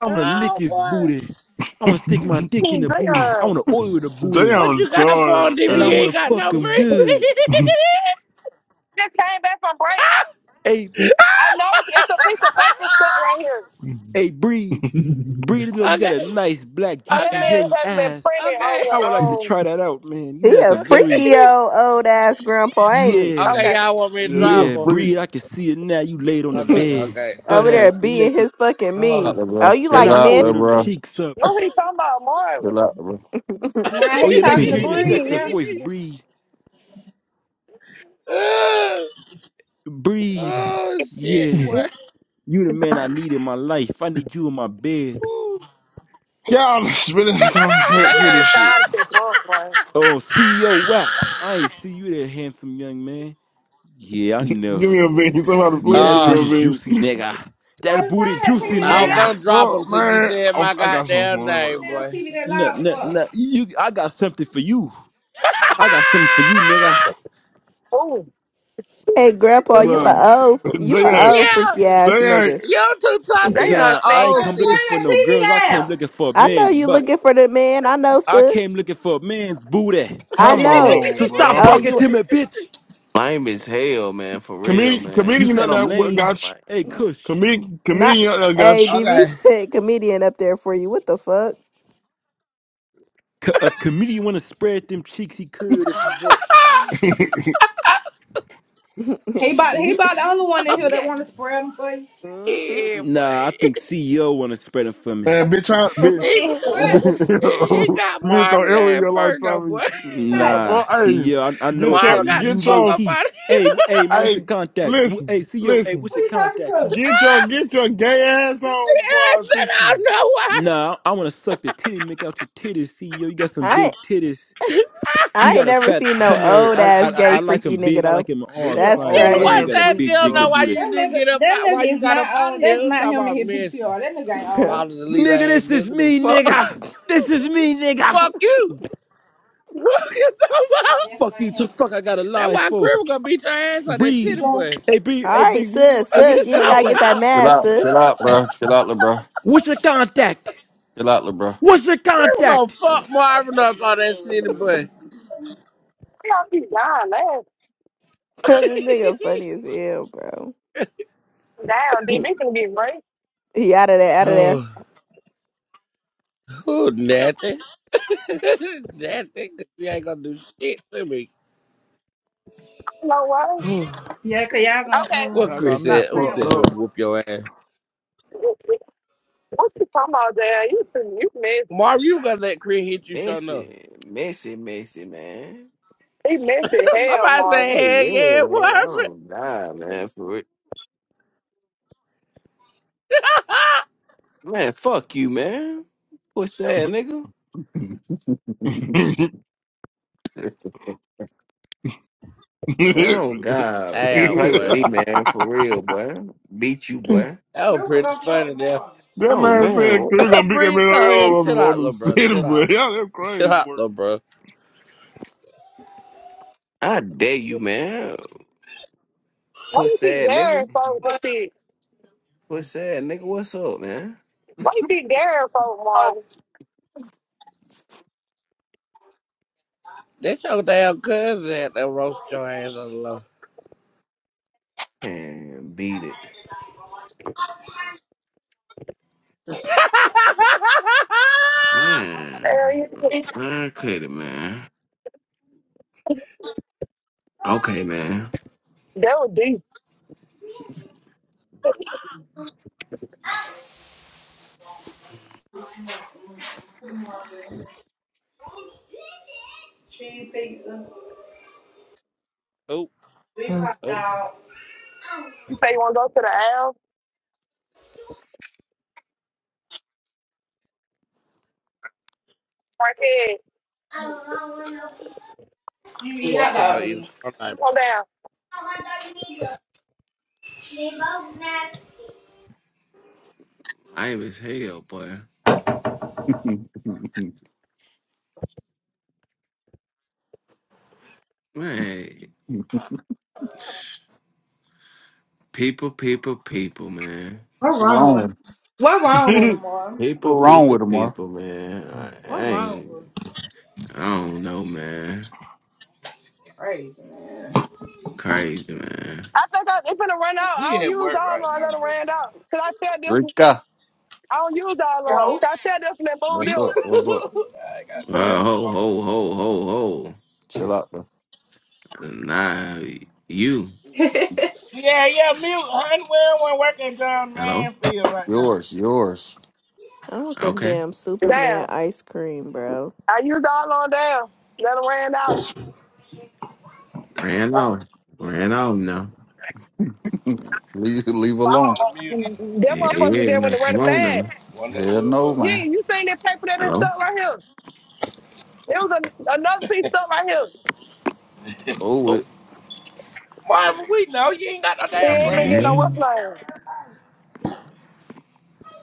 S15: I'm gonna lick
S2: oh
S15: his
S2: boy.
S15: booty. I wanna stick my dick in
S10: He
S15: the booty. I
S10: good.
S15: wanna oil the booty.
S2: What
S9: Damn,
S2: you got for on DV?
S15: And I
S2: You
S9: retarded,
S2: ain't
S15: wanna
S2: got no
S15: fuck
S10: Just
S15: him
S2: green
S15: good.
S10: came back from break.
S15: Hey,
S2: bean.
S10: I noticed it's a piece of paper stuck right here.
S15: hey, breed.
S9: man.
S15: Breed, look, you got a
S2: okay.
S15: nice black,
S10: So that
S15: juicy,
S10: means
S2: Okay.
S10: it
S15: hairy
S10: hasn't been
S15: ass.
S10: printed on
S2: Okay.
S15: I
S10: your
S15: would like to
S10: own.
S15: try that out, man. You
S7: he
S15: like
S7: a
S15: a very
S7: freaky
S2: Okay.
S7: old old ass grandpa, ain't
S15: yeah,
S2: Okay,
S10: Okay.
S2: y'all want me to
S9: Yeah, he a
S2: drop
S15: yeah,
S2: her.
S9: freak.
S15: breed. I can see it now. You laid on the
S2: Okay,
S7: he?
S15: bed,
S2: okay,
S15: butt
S7: Over
S2: okay.
S7: there
S15: ass
S7: being
S15: naked.
S7: his fucking
S14: out,
S2: Oh.
S7: meat.
S14: little
S7: Oh, you
S15: And
S7: like
S15: I
S7: men?
S15: oil them
S14: bro.
S15: cheeks up.
S10: Who he talking about? Marvin.
S14: Chill out, little bro.
S6: Now
S15: Oh
S6: he
S15: yeah, let me
S6: talking to
S15: hear your
S6: Bree
S15: sexy
S6: now.
S15: voice, breed.
S2: Ugh.
S15: Breed.
S2: Oh shit,
S15: Yeah.
S2: boy.
S10: They
S15: You the man I need in my life. I need you in my bed.
S2: Ooh.
S9: God, spinning the concrete kid and
S10: are
S9: shit.
S10: trying to fuck, boy.
S15: Oh, CEO WAP. I ain't see you there, handsome young man. Yeah, I
S9: give
S15: know.
S9: me a
S14: Chill
S9: bean. Somebody
S14: out,
S15: Yeah,
S9: please give
S15: that
S9: me
S2: Uh,
S9: a
S15: booty
S9: bean.
S15: juicy nigga.
S6: Tyler,
S15: That booty
S6: turn that
S15: juicy
S6: TV
S9: What
S2: I
S6: down.
S2: was
S9: the
S15: nigga.
S2: gonna drop him
S9: fuck,
S2: till you
S9: man?
S2: said
S9: I'm,
S2: my
S9: I got something
S2: goddamn
S9: for him. Don't worry
S2: name,
S6: Damn
S2: boy.
S6: TV that
S15: Nah,
S6: loud for.
S15: nah, nah.
S6: Tyler,
S15: You, I got something for you. I got something for you, nigga.
S9: about
S10: Ooh.
S7: hey, grandpa, you
S9: it. Bro,
S7: a old, fr- you a
S9: they,
S7: old
S2: yeah,
S7: freaky ass
S9: they, ain't.
S7: nigga.
S2: you too tossy
S10: They
S2: now.
S10: are
S15: Nah, I
S10: sick.
S15: ain't
S2: Oh,
S15: come
S6: turn
S15: looking
S2: sis.
S15: for
S6: that
S15: no girls. I
S6: TV
S15: came
S6: down.
S15: looking for a
S7: I know
S15: man's
S7: you
S15: butt.
S7: looking for the man. I know,
S15: I came
S7: sis.
S15: looking for a man's booty.
S7: I
S9: come
S7: know.
S15: So
S9: on,
S15: stop
S7: Oh,
S9: bro.
S15: talking
S7: you
S15: to me, bitch.
S8: Lame as hell, man. For real,
S9: Comedian,
S15: You
S8: man.
S9: comedian
S15: said
S9: up
S15: I'm
S9: there what
S15: lame.
S9: got you.
S8: Like,
S15: Hey, Kush.
S9: Comedian,
S7: not?
S9: comedian up there got
S7: Hey,
S9: you.
S7: DV
S2: Okay.
S7: said comedian up there for you. What the fuck?
S15: C- if comedian want to spread them cheeks, he could if he wants.
S6: He about he about the only one in here that
S2: Okay.
S6: want to spread them for you.
S7: Mhm.
S2: Yeah, boy.
S15: Nah, I think CEO want to spread them for me.
S9: man, bitch, I, bitch,
S2: He,
S10: they
S6: What?
S2: he, he got
S9: bitch, don't
S2: Marvin
S9: ever in
S2: at
S9: your life
S2: first,
S9: try
S2: though, boy.
S9: me. The
S6: Hey,
S15: Nah,
S9: fuck,
S15: see,
S9: hey,
S15: yeah, I, I know
S9: get
S15: what type
S9: your,
S15: of
S2: Marvin got the
S15: you
S9: get
S2: fuck
S15: low
S9: your
S2: up
S15: key.
S2: out of here.
S15: Hey, w- hey, man, what's your
S9: Hey,
S15: contact? W-
S9: listen,
S15: Hey, CEO, hey,
S9: listen.
S15: what's
S6: who
S15: your
S6: you talking
S15: contact?
S6: to?
S9: Get your get your gay ass on before
S2: I
S9: I
S2: said,
S9: shoot
S2: I
S9: you.
S2: don't know why.
S15: Nah, I want to suck the titty, make out your titties, CEO. You got some
S7: I
S15: big titties. You
S7: I ain't
S15: got a
S7: never
S15: fat
S7: seen no
S15: tummy.
S7: old
S15: I, I, I
S7: ass gay
S15: I like
S7: freaky
S15: them
S7: nigga
S15: big. I like
S7: though.
S15: them in
S9: But
S15: all
S9: you're an
S7: That's
S2: She
S15: sizes.
S2: the
S9: old
S15: I know
S2: one
S15: you
S7: crazy.
S9: ass
S15: got a
S2: that
S9: freak,
S15: big
S2: don't know
S15: jiggly
S9: bro.
S2: why
S15: booty.
S2: you
S6: That
S2: didn't get
S6: nigga,
S2: up,
S6: that
S2: out,
S6: nigga
S2: why you
S6: is
S2: got up
S6: not
S2: out of
S6: old. That's
S2: here.
S6: not
S2: Talking
S6: him in
S2: about
S6: his
S2: messy.
S6: PTR. That nigga ain't
S7: All
S6: old.
S2: Follow the leader
S15: Nigga,
S2: ass
S15: this is
S2: nigga the
S15: me,
S2: fuck.
S15: nigga. This is me, nigga.
S2: fuck you. What you talking about?
S6: That's
S15: Fuck
S6: definitely
S15: you.
S6: him.
S15: To fuck, I got a
S2: That's
S15: lie
S2: why Crib
S15: for.
S2: was gonna beat your ass on that
S6: You
S15: Breed.
S2: city
S6: gon'
S2: bus.
S15: Hey, Breed. Hey,
S7: right,
S15: Breed. w- w-
S7: sis,
S15: Hey,
S2: What
S15: what's
S2: you
S7: sis,
S15: your
S7: you ain't
S2: talking
S7: gotta get
S15: contact?
S7: that
S2: about?
S14: bro. Chill
S7: mad,
S14: out,
S7: sis.
S14: chill out, bro. Chill out, little bro.
S15: What's your contact?
S14: Chill out, little bro.
S15: What's your
S2: Crib was gonna
S15: contact?
S2: fuck Marvin up on that city bus.
S10: all keep dying, man.
S7: this nigga funny as hell, bro.
S10: Down,
S7: He,
S10: DB can get raped.
S7: he out of there, out of there.
S2: Oh, oh nothing. nothing. 'cause You ain't gonna do shit to me.
S10: No way.
S2: Oh,
S6: Yeah, cause y'all
S2: what
S6: gonna uh,
S9: That got
S2: Chris
S9: me
S2: said,
S6: stop
S2: I'm gonna
S6: playing
S9: fucked
S6: with
S2: tell
S6: my.
S2: him
S9: up.
S2: whoop your ass.
S10: Okay. What you talking about, Dad? You you miss
S2: Marvin, you gonna let Chris hit you, sure enough.
S8: messy. Messy, messy, man.
S10: they missing hell,
S2: Somebody
S10: Marvin.
S2: say,
S8: Hey,
S2: hell
S8: yeah, man.
S2: yeah,
S8: I
S2: Marvin.
S8: don't die, man. For real. Man, fuck you, man. What's that, nigga?
S9: that
S8: Man, oh God.
S2: Damn,
S8: Play with
S2: boy.
S8: me, man. For real, boy. Beat you, boy.
S2: That was
S6: Sure, we gonna
S2: pretty
S6: fuck
S2: funny
S6: with
S2: there.
S6: mom.
S8: Oh
S9: man
S8: man,
S9: said we're
S8: what-
S9: gonna beat that
S2: Bree
S9: man
S2: told him,
S9: on
S2: chill
S9: the
S2: out,
S9: on
S2: little
S9: the
S2: bro.
S9: city,
S2: Chill out.
S9: but y'all that
S2: Chill
S9: crazy
S2: out,
S9: work.
S2: little bro.
S8: I dare you, man.
S10: Why
S8: Puss
S10: you keep
S8: sad
S10: daring
S8: nigga.
S10: folks to
S6: But
S10: see?
S8: Puss sad nigga, what's up, man?
S10: Why you keep daring folks,
S14: oh.
S10: Marvin?
S2: That's your damn cousin that roast your ass on the low.
S8: Man, beat it.
S10: There
S8: Man.
S10: you go.
S8: Man, cut it, man. Okay, man.
S10: That was deep.
S6: cheese pizza,
S2: oh,
S6: big hot
S2: oh,
S6: dog.
S10: You say you want to go to the L? Right here.
S6: I don't want no pizza. You eat
S2: who else
S6: hot
S2: is
S6: dog
S2: gonna eat a
S6: then.
S2: corn dog?
S10: Come down.
S6: I want dog neither. They both nasty.
S8: Lame as hell, boy. Man. People, people, people, man.
S6: What wrong with?
S14: wrong.
S6: What wrong with him, mom?
S8: People,
S14: What's wrong
S8: people,
S14: with him, bro?
S8: people, man. I,
S6: What
S8: I
S6: wrong with?
S8: ain't
S6: him?
S8: I don't know, man.
S6: Crazy.
S8: Crazy, man.
S10: I think I, it's gonna run out. I
S2: We
S10: don't
S2: at
S10: use
S2: work
S10: all on.
S2: right
S10: I
S2: now,
S10: let it
S2: Drake.
S10: ran out. Cause I tell this
S14: Drake
S10: one,
S14: guy.
S10: I don't use all on.
S6: Yo,
S10: I tell this one and move
S2: Me
S10: this
S14: What's
S2: too.
S14: up? What's up?
S2: I got
S6: what's
S2: to be there
S8: Well,
S6: up?
S2: to
S8: ho,
S2: phone.
S8: ho, ho, ho,
S14: Chill out, bro.
S8: ho. Nah, you.
S2: Yeah, yeah, mute. Honey, well, working John
S8: Hello?
S2: Manfield right now.
S14: Yours, yours.
S7: I want some
S8: Okay.
S7: damn
S10: one.
S7: Superman
S10: Damn.
S7: ice cream, bro.
S10: I used all on down. Let it ran out.
S8: Ran off. Ran off now.
S14: leave, leave
S2: I'm
S14: alone.
S2: out of
S10: Oh,
S2: muting.
S10: that
S8: Yeah,
S10: motherfucker
S8: yeah,
S10: there when
S8: now
S10: it
S8: come
S10: ran
S8: on
S10: fast.
S8: now.
S2: Wonder
S14: Hell
S2: who it
S14: no,
S2: was.
S10: Yeah,
S14: man.
S10: you seen that paper that been
S8: Hello?
S10: stuck right here. It was a, another piece of stuff right here.
S14: Oh, it.
S2: Marvin, we know you ain't got no
S10: We
S2: damn
S10: ain't been
S2: green
S10: getting no
S2: bean to
S10: what's
S8: Man.
S2: mute. Nah,
S10: name.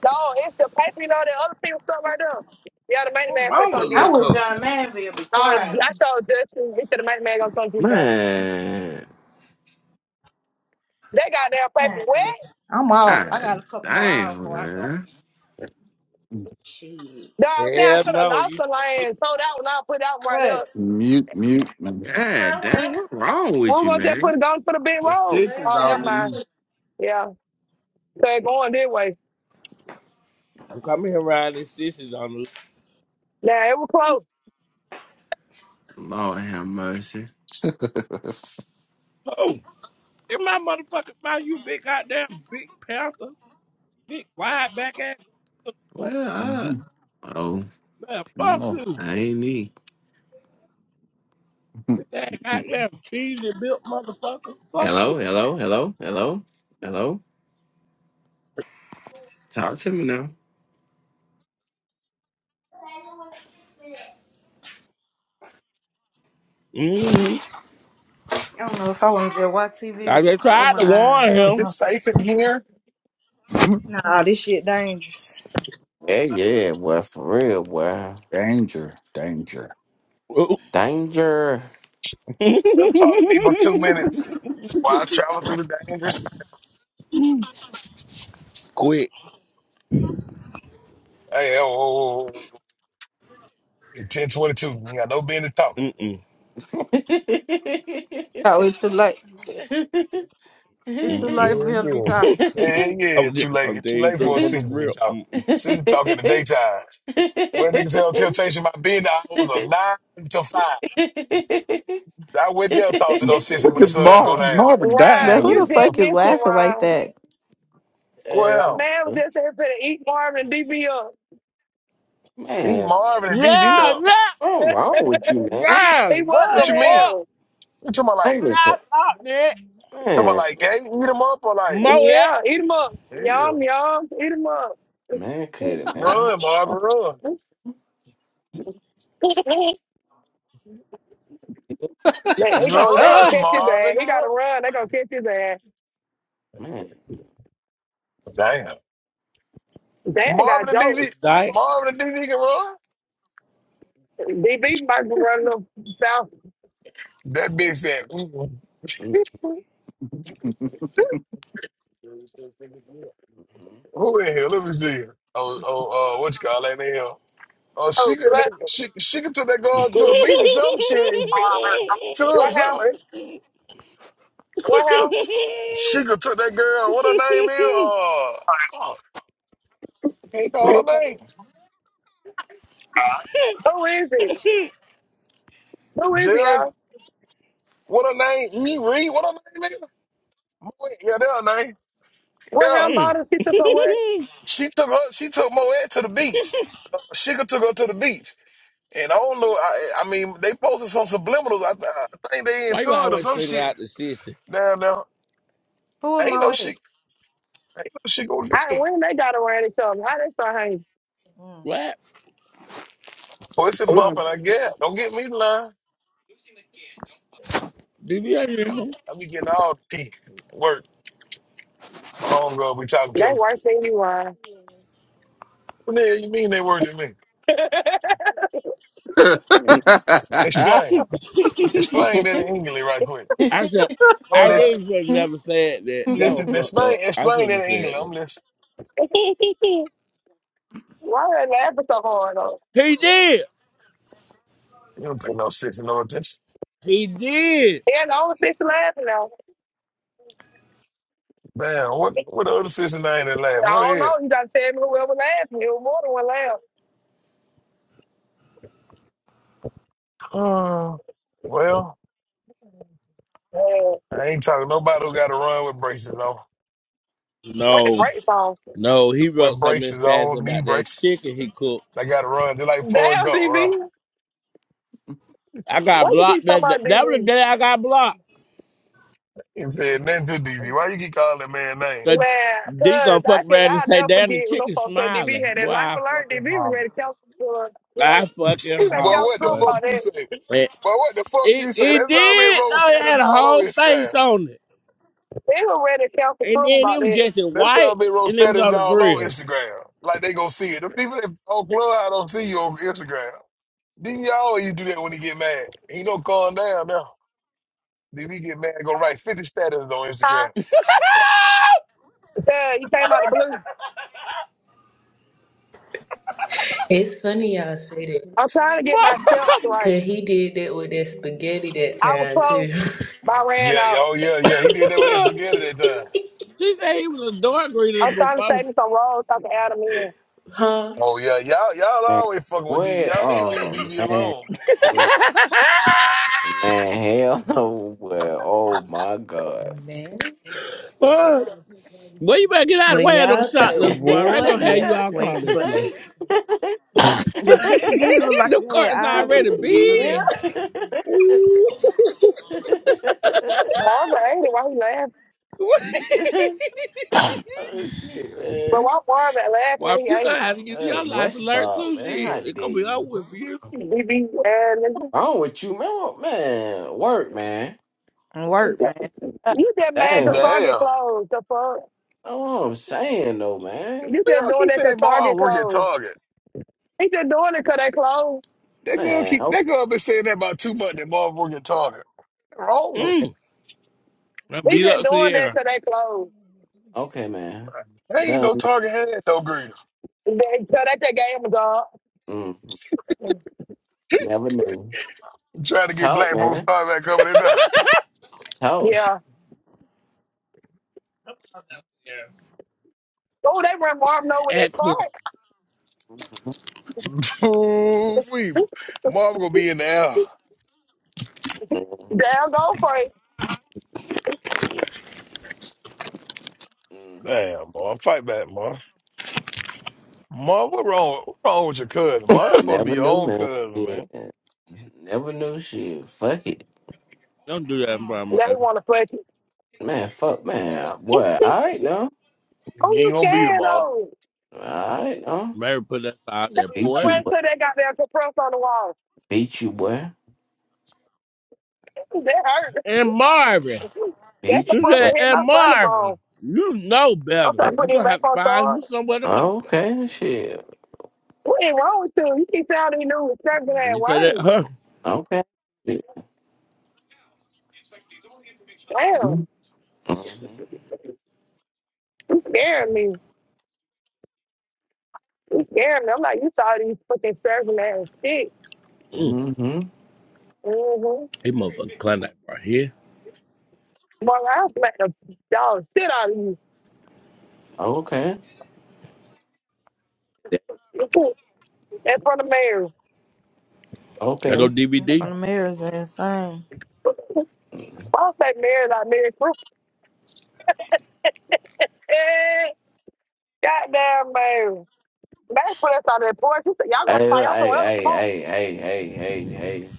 S10: No, it's the paper, you know, that other piece of stuff right there. Yeah, the main
S2: What's
S10: man finna
S2: wrong with
S10: come get
S6: I
S2: Lil'
S10: it.
S6: wish
S2: Cub?
S6: John Manville would be
S10: Um,
S6: quiet.
S10: I saw Justin, he said the main man gonna come get that.
S8: Man.
S10: They got their
S6: Man,
S10: paper wet.
S6: I'm off. I got
S8: God
S6: a couple more hours
S8: damn,
S6: before I go
S8: man.
S6: in. Shit.
S10: No, I'm saying I
S2: Hell
S10: could have
S2: no.
S10: lost
S2: You,
S10: the land, sold out when I put out right there.
S6: What?
S14: Mute, mute, man.
S8: God
S6: Girl,
S8: damn,
S6: what?
S8: what's wrong
S10: We
S8: with
S10: were
S8: you,
S10: gonna just
S8: man?
S10: put it on for the big
S2: the
S10: road.
S6: I
S2: sisters
S10: Oh,
S2: on
S10: never
S2: the
S10: mind.
S2: loose.
S10: Yeah, so it going this way.
S2: I'm coming here around these sisters on the
S10: Now it was close.
S8: Lord have mercy.
S2: loose. In my motherfucking mouth, you big goddamn big panther, big wide back ass. Fuck,
S8: Well, I...
S14: Mhm.
S8: Oh,
S2: man, fuck
S14: No.
S2: you.
S8: I ain't me.
S2: Big ass goddamn cheesy built motherfucker. Fuck you.
S8: Hello, hello, hello, hello, hello. Talk to me now.
S2: Mm-hmm.
S6: don't know if I want to just watch TV or
S2: I
S6: just
S2: just
S6: close
S2: tried
S6: my
S2: to
S6: eyes.
S2: warn
S6: I don't
S16: Is
S2: him.
S16: it
S6: know.
S16: safe in here?
S14: Mhm.
S6: Nah, this shit dangerous.
S8: Yeah, yeah, boy, for real, boy.
S14: Danger, danger.
S2: Ooh.
S8: Danger.
S16: Uh, Talk to me for two minutes while I travel through the dangerous.
S2: Quick.
S16: Hey, oh, oh, oh, oh. 1022. You got no business talking.
S2: Mm-mm.
S6: Oh, it's too late. It's too
S2: Mm-mm.
S6: late for him to be
S16: Hell
S6: talking.
S16: yeah. Hell yeah.
S2: I'm
S16: Too
S2: just
S16: late.
S2: gonna tell
S16: Too
S2: you the
S16: late for
S2: truth
S16: a
S2: from the
S16: season to be
S2: real.
S16: talking.
S2: Mm-mm.
S16: Season talk in the daytime. Where niggas tell temptation about being the hours of nine to five. I went there talk to those sisters
S14: What
S16: when the
S14: did
S16: sun go
S14: Marv?
S16: down.
S14: Marvin dying
S7: But
S10: Ryan,
S14: over
S7: who
S10: you
S7: the
S10: dead
S7: fuck is
S10: missing
S7: laughing like
S10: Ryan.
S7: that?
S10: A
S16: Well,
S10: man was
S8: Um,
S10: just there for to eat Marvin and DB up.
S16: eat
S8: man,
S16: Marvin and DV
S2: Yeah,
S16: up.
S8: what's
S2: yeah,
S8: wrong with you, man?
S2: yeah.
S10: He
S2: What
S10: was
S16: What
S2: the
S16: you mean?
S2: fuck?
S10: hell.
S16: You talking about
S8: I
S16: like
S2: What
S8: miss
S2: I
S8: a
S2: thought, man.
S16: talking about
S8: man,
S16: like gang eat them up or like
S2: Mow it.
S10: Yeah, eat eat 'em up.
S16: Yeah.
S10: Yum, yum, Eat eat 'em up.
S8: man, cut it, man.
S16: Run,
S8: Oh,
S16: Marvin, run.
S8: yeah,
S10: they, they gonna they gonna
S16: Run,
S10: catch his
S16: Marvin,
S10: ass. He
S16: run.
S10: gotta run. They gonna catch his ass.
S8: man.
S16: Damn.
S10: Dan got
S16: Marvin the
S10: jokes.
S2: Good
S16: DD.
S2: night.
S16: Marvin the DD can run.
S10: DB might be running up south.
S16: That bitch said, mm-mm. who in here? Let me see. Oh, oh, uh, what you call that name? Oh,
S10: Oh,
S16: she could,
S10: bless him.
S16: she, she could took that girl to the beach or some shit. To or
S10: What
S16: something.
S10: hell?
S16: eh?
S10: What hell?
S16: She could took that girl. What her name is? Uh, fuck. Can't call her name.
S10: Who is he? Who is he,
S16: Jen.
S10: y'all?
S16: What her name? E. Reed. What her name is? Moe- Yeah, that her name.
S10: What
S2: Mm.
S16: Yeah.
S10: hell bought his picture for what?
S16: She took her. She took Moet to the beach. Uh, Sugar took her to the beach, and I don't know. I, I mean, they posted some subliminals. I, th- I think they
S2: Why
S16: into
S2: you
S16: it or
S2: always
S16: some
S2: single
S16: shit
S2: out the sister?
S16: down there.
S6: Who am
S16: Ain't
S6: I
S16: no
S6: with?
S16: shit. Ain't no shit gonna
S10: How,
S16: get me.
S10: when they got around each other? How they start hanging?
S6: Mm.
S2: What?
S16: So it's a bumping.
S14: there.
S16: I guess. Don't get me in line.
S2: Did you ever hear him?
S16: I be getting all the tea. Work. My homegirl be talking to
S10: They
S16: me.
S10: worse than you are.
S16: What the hell you mean they worked to me? Explain.
S8: Mhm.
S16: Explain that in English right quick.
S2: I said,
S16: I'm
S2: I
S16: listening.
S2: really should have never said that.
S16: I'm
S2: That was
S16: listening.
S2: fucked
S16: Explain.
S2: up. I
S16: Explain
S2: shouldn't
S16: that
S2: have
S16: in
S2: said
S16: English.
S2: that.
S16: I'm listening.
S10: Why are they laughing so hard though?
S2: He did.
S16: You don't pay no sense and no attention.
S2: He did.
S10: Yeah, the only fish laughing now.
S16: Damn, what what the other sister name that
S10: I
S16: laughing? What
S10: don't
S16: is it?
S10: know. You gotta tell me whoever ever laughed. It was more than one laugh.
S16: Uh, well,
S10: Uh,
S16: I ain't talking nobody who got to run with braces on.
S10: what the
S2: No,
S10: great song?
S2: no, he
S16: With
S2: wrote something in
S16: braces
S2: stats
S16: on, knee
S2: about that
S16: braces.
S2: chicken he cooked.
S16: They got to run. They like Forrest
S10: Damn,
S16: Gump run.
S10: DB.
S2: I got
S10: Why you
S2: blocked.
S10: keep talking
S2: That, that,
S10: about
S2: that was the
S10: DB?
S2: day I got blocked.
S16: He said, nothing to DV. Why you keep calling that man name?
S2: The
S10: Man,
S2: D gonna
S10: cause
S2: fuck
S10: I can
S2: around and
S10: I
S2: say,
S10: never
S2: damn, the
S10: forget when those
S2: chicken
S10: folks said
S2: smiling.
S10: DB had
S2: Boy,
S10: that life
S2: I
S10: alert.
S2: fucking
S10: DB was
S2: holler.
S10: ready to count for was
S2: I fucking
S10: he
S16: Boy,
S10: ready to
S2: holler,
S10: count
S16: what the
S10: Crum
S2: boy.
S16: fuck
S10: about
S16: you
S10: that.
S16: say? Boy, what the fuck
S2: It
S16: you say?
S2: it
S16: That's all been
S2: did.
S16: roll
S2: No, it
S16: status
S2: had a
S16: all on
S2: whole face
S16: Instagram.
S2: on it,
S10: He was ready to count the
S2: and
S10: Crum
S2: then
S10: about
S2: it was
S10: that.
S2: just in
S16: That's all
S2: white,
S16: been roll
S2: and it was
S16: status
S2: on the
S16: all on
S2: grill.
S16: Instagram. Like they gonna see it. The people that on Clubhouse don't see you on Instagram. DV always do that when he get mad. He don't calm down now. Then we get mad and go write 50 statuses on
S10: Huh?
S16: Instagram.
S10: Cause he came out of the blue.
S17: It's funny y'all say that,
S10: I'm trying to get my steps
S2: Mama,
S10: right.
S17: cause he did that with that spaghetti that
S10: I was
S17: time
S10: close,
S17: too,
S10: but I ran
S16: Yeah, yeah,
S10: out.
S16: oh yeah, yeah. He did that with that spaghetti that time.
S2: she said he was a dark green
S10: I'm
S2: before.
S10: trying to save me some rolls. so I can add them in.
S17: huh?
S16: Oh yeah, y'all y'all
S8: man,
S16: always fucking with
S8: what?
S16: DV. Y'all need to leave
S8: Oh,
S16: DV
S8: man,
S16: alone.
S8: Yeah, man, hell no, boy. Oh my God.
S17: Man.
S2: Fuck. well, you better get out of the
S17: When
S2: way of those
S17: y'all talk
S2: shot, boy. They're
S17: boy,
S2: gonna have
S17: yeah,
S2: you all across
S17: when
S2: that
S17: but
S2: floor.
S6: The chicken did look like
S2: the
S6: it had
S2: cart's
S6: eyes and
S2: already
S6: shit for
S2: big.
S17: yeah,
S6: real.
S2: Ooh.
S10: Marvin, ain't it? Why he laughing?
S8: oh shit,
S10: But
S8: man.
S10: why worry about laughing that
S2: well,
S10: he
S2: you
S10: ate
S2: gonna
S10: it?
S2: have to give
S8: Uh,
S2: your life
S8: West
S2: alert too,
S8: Stop, man.
S2: shit.
S8: How
S2: It gonna
S8: dare
S2: be up
S8: you?
S2: with you.
S10: We be and
S8: Wrong with you, man? Oh, Man, work, man.
S6: And work, man.
S8: God
S10: you just
S8: damn,
S10: mad 'cause
S8: man.
S10: Target
S16: Damn.
S10: closed. The fuck?
S8: That's what I'm saying, though, man.
S10: You just
S16: Y'all
S10: doing
S16: keep
S10: that 'cause
S16: saying Marlon
S10: Target
S16: work at
S10: closed.
S16: Target.
S10: He just doing it 'cause they closed.
S16: That girl
S8: Man,
S16: keep
S8: okay,
S16: that girl been saying that about two months that motherfucking Target. Wrong with
S8: okay,
S2: Mm. I'll
S10: He
S2: be
S10: just
S2: up
S10: doing
S2: Sierra.
S10: that 'cause they closed.
S8: okay, man.
S16: her. There Ain't
S8: Done,
S16: no
S8: man.
S16: Target had no green.
S10: They, so that they gave him a job.
S8: Mm, never knew.
S16: I'm trying to get
S8: Talk,
S16: black folks
S8: man.
S16: started back coming in there.
S8: Talk shit.
S10: Yeah. Oh, they run Marvin over their
S2: At
S10: car.
S2: Port,
S8: hmm
S16: Ooh, we Marv gonna be in the air.
S10: Down go for it.
S8: hmm
S16: Damn, Marv, fight back, Marv. Marv, what wrong? What wrong with your cousin, Marv? That's supposed to be
S8: Never
S16: your
S8: knew,
S16: own
S8: man.
S16: cousin,
S8: Yeah.
S16: man.
S8: Never knew shit. Fuck it.
S2: Don't do that in front of
S10: Now he
S2: Mary.
S10: want to fuck
S8: Man, fuck, man.
S10: you.
S8: Boy, all right now.
S10: Oh,
S16: You
S10: you
S16: ain't gonna beat him,
S10: scared
S16: Marv.
S10: of?
S8: All right now.
S2: Mary put us out
S10: They
S2: at
S8: Beat
S2: port.
S8: you,
S10: ran
S8: boy.
S10: to that goddamn compressor on the wall.
S8: Beat you, boy.
S10: That hurt.
S2: And Marvin.
S10: That
S8: Beat
S2: She
S8: you, boy.
S2: said,
S10: compressor hit
S2: and
S10: my funny
S2: Marvin,
S10: bone.
S2: you know
S10: I'm
S2: better.
S10: trying to
S2: You
S10: put it
S2: gonna have
S10: back
S2: to
S10: on
S2: find
S10: charge.
S2: you somewhere to go.
S8: Okay, shit.
S10: What ain't wrong with you? You keep saying these new serving
S2: And
S10: ass
S2: you say that
S10: words.
S2: huh?
S8: Okay.
S10: Damn,
S8: Mm-hmm.
S10: you scaring me. You scaring me. I'm like, you saw these fucking serving ass shit.
S2: Mm.
S8: Mm-hmm.
S10: Mm-hmm.
S2: He motherfucker clown that right here.
S10: But I'll smack the dog shit out of you.
S8: Okay.
S10: In front of Mary.
S2: That go
S8: Okay.
S6: In
S2: DVD.
S6: front of mirrors and insane.
S10: I'll say Mary like Mary Christmas. Eh, goddamn Mary. Mary put us out of that porch. She said, y'all got
S8: Hey,
S10: to find y'all
S8: hey,
S10: somewhere else to
S8: hey,
S10: smoke.
S8: hey, hey, hey, hey, hey.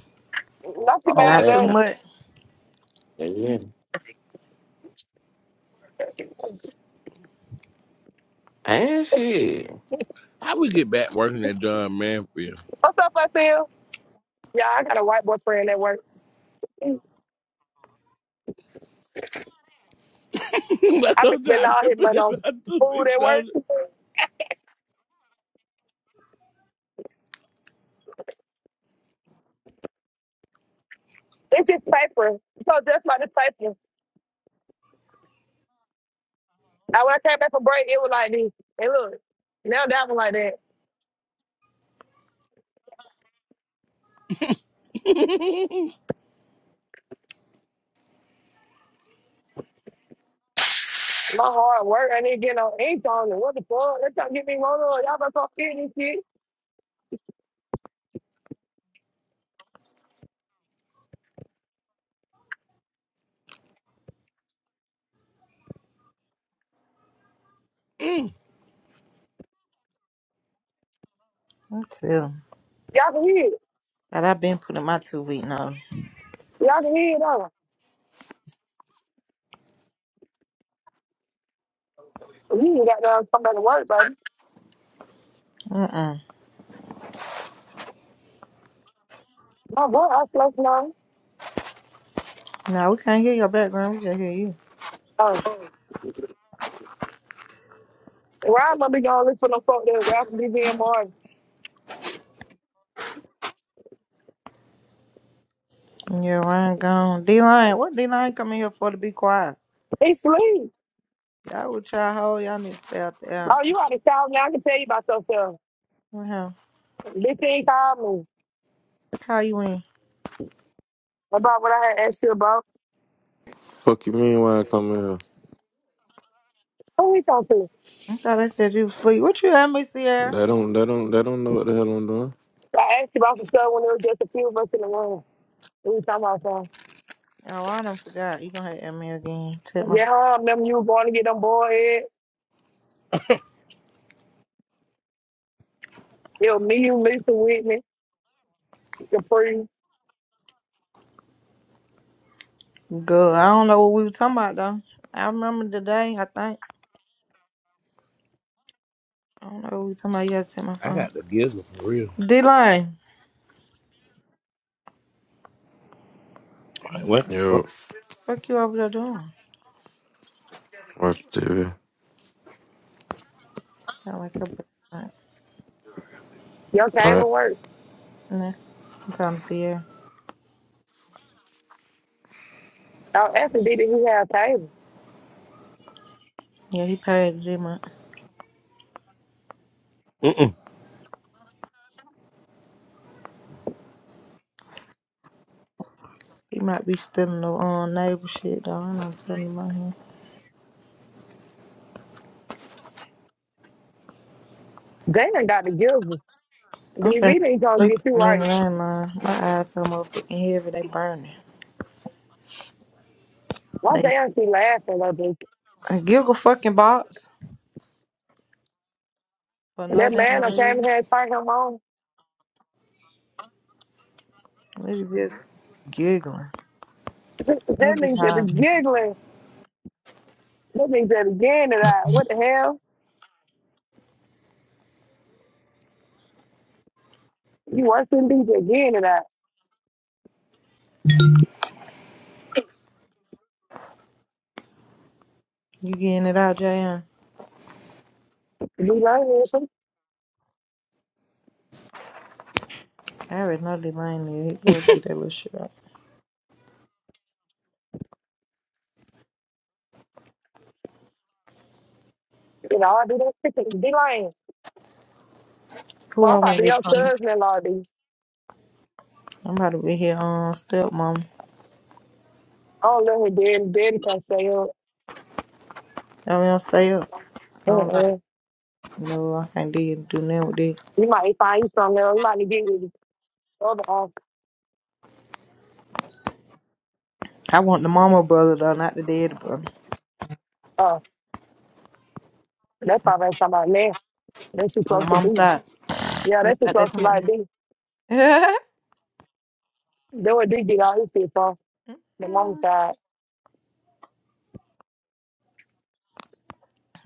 S10: Don't get
S8: All
S10: mad
S6: Not
S10: at
S6: too
S8: that now.
S10: us.
S6: much.
S8: Yeah. And shit.
S2: How we get back working at John Manfield?
S10: What's up, Phil? Yeah, I got a white boyfriend at work.
S2: That's
S10: I be
S2: what
S10: spending
S2: I've
S10: all
S2: been
S10: his
S2: putting
S10: money
S2: it
S10: on
S2: two
S10: food
S2: weeks
S10: at work.
S2: notice.
S10: It's just paper. So just like the paper. I when I came back from break, it was like this. And look, now that one like that. My hard work, I need to get no ink on it. What the fuck? They trying to get me wrong. on. Y'all better come fit this shit.
S2: Mm.
S6: I'm telling. you.
S10: Y'all can hear it.
S6: God, I've been putting my two week notice.
S10: Y'all can hear it on. You ain't got to come back to work, baby.
S6: Mm-mm.
S10: My boy, I slept now.
S6: No, we can't hear your background. We just hear you.
S10: Um, where I'm gonna be going to look for no folk that I can be being more.
S6: Yeah, Ryan gone. D Line, what D Line come in here for to be quiet?
S10: He sleep.
S6: Y'all with y'all hoe, y'all need to stay out the out.
S10: Oh, you out of town now? I can tell you about yourself.
S6: What hell?
S10: This thing called me
S6: Call you in.
S10: about what I had asked you about.
S12: Fuck you mean why I come here?
S10: Who he talking to?
S6: I thought I said you was asleep. What you had me, Sierra?
S12: They don't they don't they don't know what the hell I'm doing.
S10: I asked you about the stuff when there was just a few of us in the room. We was talking about something.
S6: Oh, I done forgot. You gonna have to add me again. Tip my
S10: Yeah, I remember you were going to get them boy head. It was me, you, Lisa Whitney, Capri.
S6: Good. I don't know what we were talking about though. I remember the day, I think. I don't know what we were talking about. You got to take my
S2: I
S6: phone.
S2: got the gizzle for real.
S6: D Line,
S2: Like, what the fuck?
S12: Yo,
S6: fuck you over there doing?
S12: watch TV.
S6: Sound like a bitch.
S10: Your
S12: Alright.
S10: table work.
S6: Nah, I'm talking to Sierra.
S10: I was asking, D, did he have a table?
S6: Yeah, he paid the D money.
S2: Mm-mm.
S6: He might be stealing the um, neighbor shit, though. I'm not telling you about him.
S10: Dan got the gizzard.
S6: I'm
S10: DV
S6: finna
S10: ain't gonna
S6: sleep
S10: get
S6: in
S10: you
S6: the minute.
S10: right.
S6: My eyes so motherfucking heavy, they burning.
S10: Why
S6: They
S10: Dan she laughing like this?
S6: I giggle fucking box for no
S10: That
S6: damn
S10: man I came
S6: reason.
S10: here and fight him on.
S6: They just giggling.
S10: that
S6: We'll be
S10: nigga said the
S6: high.
S10: giggling. That nigga said getting and I. What the hell? You worse than D just getting again and I.
S6: You getting it out, Jan?
S10: D-Lane, you
S6: I already know they lying there. He go get that little shit out.
S10: know, I do that. D-Lane.
S6: Who
S10: Well,
S6: I
S10: I'm
S6: want
S10: about
S6: to
S10: to be
S6: be
S10: your
S6: punk?
S10: cousin-in-law, D.
S6: I'm about to be here on um, stepmom.
S10: Oh, Lord, then, then, Pastor,
S6: I mean, I'm stay up. I don't like
S10: uh-uh.
S6: no, I can't do, do nothing with it.
S10: you might find something. there. You might get you the other off.
S6: I want the mama brother though, not the dead brother.
S10: Uh, that's probably talking about now. That's too
S6: On the
S10: close to
S6: mama
S10: be.
S6: side.
S10: Yeah,
S6: You
S10: that's too
S6: know,
S10: close
S6: that's
S10: to
S6: money.
S10: like be. They would did get all this shit from the mom's side.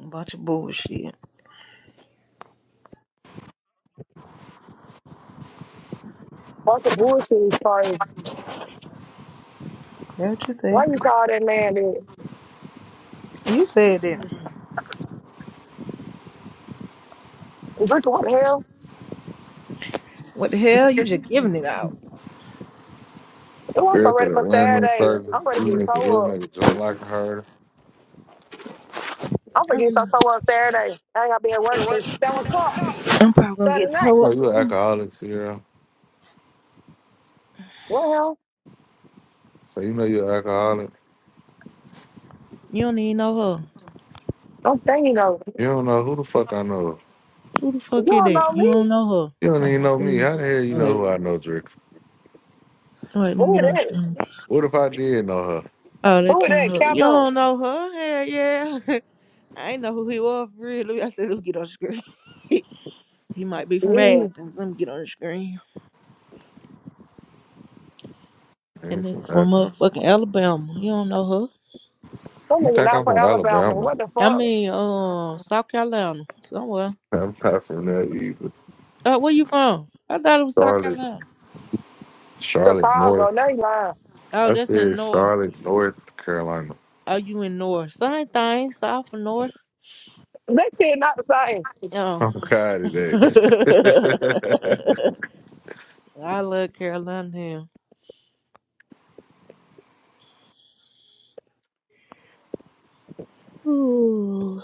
S6: Bunch of bullshit.
S10: Bunch of bullshit is crazy.
S6: That's what you said.
S10: Why you call that man that
S6: You said that.
S10: drinking what the hell?
S6: What the hell? You just giving it out.
S10: It was
S18: Girl
S10: so ready
S18: through the
S10: for
S18: women
S10: Saturday.
S18: circle,
S10: I'm ready to
S18: even
S10: get
S18: if the
S10: so
S18: real
S10: up.
S18: nigga drunk like her.
S10: I'm
S6: I
S10: gonna get so
S6: really.
S10: so up Saturday. I ain't gonna be at work till seven o'clock
S6: I'm probably gonna
S10: Saturday
S6: get
S10: night.
S18: You
S6: towed
S18: know
S6: up
S18: you an
S6: soon.
S18: alcoholic, Sierra.
S10: Well,
S18: So you know you're an alcoholic.
S6: You don't even know her.
S10: I'm saying you know,
S18: You don't know who the fuck I know.
S6: Who the
S10: you
S6: fuck is
S10: don't
S6: that?
S10: know
S6: You
S10: me.
S6: don't know
S18: You
S6: her.
S18: don't
S6: Like
S18: even
S6: I
S18: know me.
S6: said.
S18: How the hell you know who I know, Drake?
S6: All right, let me
S10: Who
S6: get on
S10: that?
S6: the phone.
S18: What if I did know her?
S6: Oh, that
S10: Who
S6: can't
S10: that?
S6: up. You
S10: Count
S6: don't know her? Hell yeah. I ain't know who he was for real. Let me- I said, let me get on the screen. he might be from
S10: Mm,
S6: Athens. Let me get on the screen. That
S18: Ain't from
S6: nigga from
S18: Athens.
S6: motherfucking Alabama. You don't know her.
S10: Some
S18: You
S10: nigga
S18: think I'm
S10: not for
S18: from
S10: Alabama.
S18: Alabama?
S10: What the
S6: I
S10: fuck?
S6: mean, um, South Carolina, somewhere.
S18: I'm not from that either.
S6: Uh, where you from? I thought it was South
S18: Charlotte,
S6: Carolina.
S18: Charlotte North.
S10: Chicago, they lying.
S6: Oh,
S18: I
S6: that's in
S18: said
S6: North.
S18: Charlotte, North Carolina.
S6: Oh, you in North? Same thing, South and North.
S10: That kid not the same.
S6: Oh,
S18: I'm tired of
S6: I
S18: that.
S6: love Carolina here. Ooh,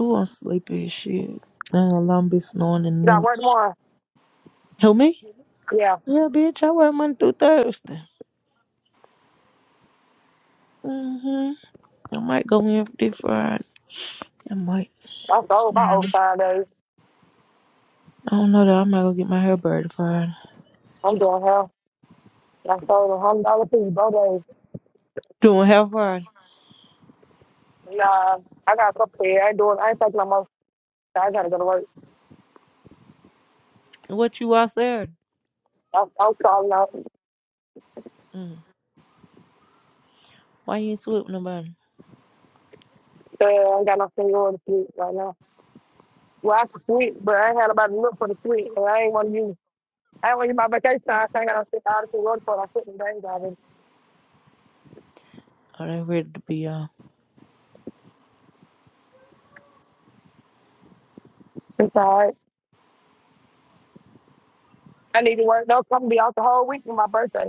S6: Ooh, I'm sleepy as shit. I ain't gonna lie, I'm be snoring in a
S10: Got
S6: minute.
S10: work tomorrow.
S6: Who me?
S10: Yeah,
S6: Yeah, bitch. I work Monday through Thursday. Mhm. I might go in for this Friday. I might.
S10: I sold my
S6: Mhm.
S10: overtime days.
S6: I don't know though. I might go get my hair braided Friday.
S10: I'm doing hell. I sold a hundred dollar piece both days.
S6: Doing hair Friday.
S10: Nah, I got a couple here. I ain't doing. I ain't taking no more. I gotta go to work.
S6: What you all said?
S10: I, I'm calling out.
S6: Mm. Why you ain't sweet with nobody?
S10: Uh, I ain't got no seniority suite right now. Well, I can sweet, but I ain't had nobody to look for the suite, and I ain't want to use. I ain't want to use my vacation. time, so I ain't got no shit out of the for. it. I put the days out of it.
S6: Oh, they ready to be on.
S10: It's all right. I need to work. They'll come be out the whole week for my birthday.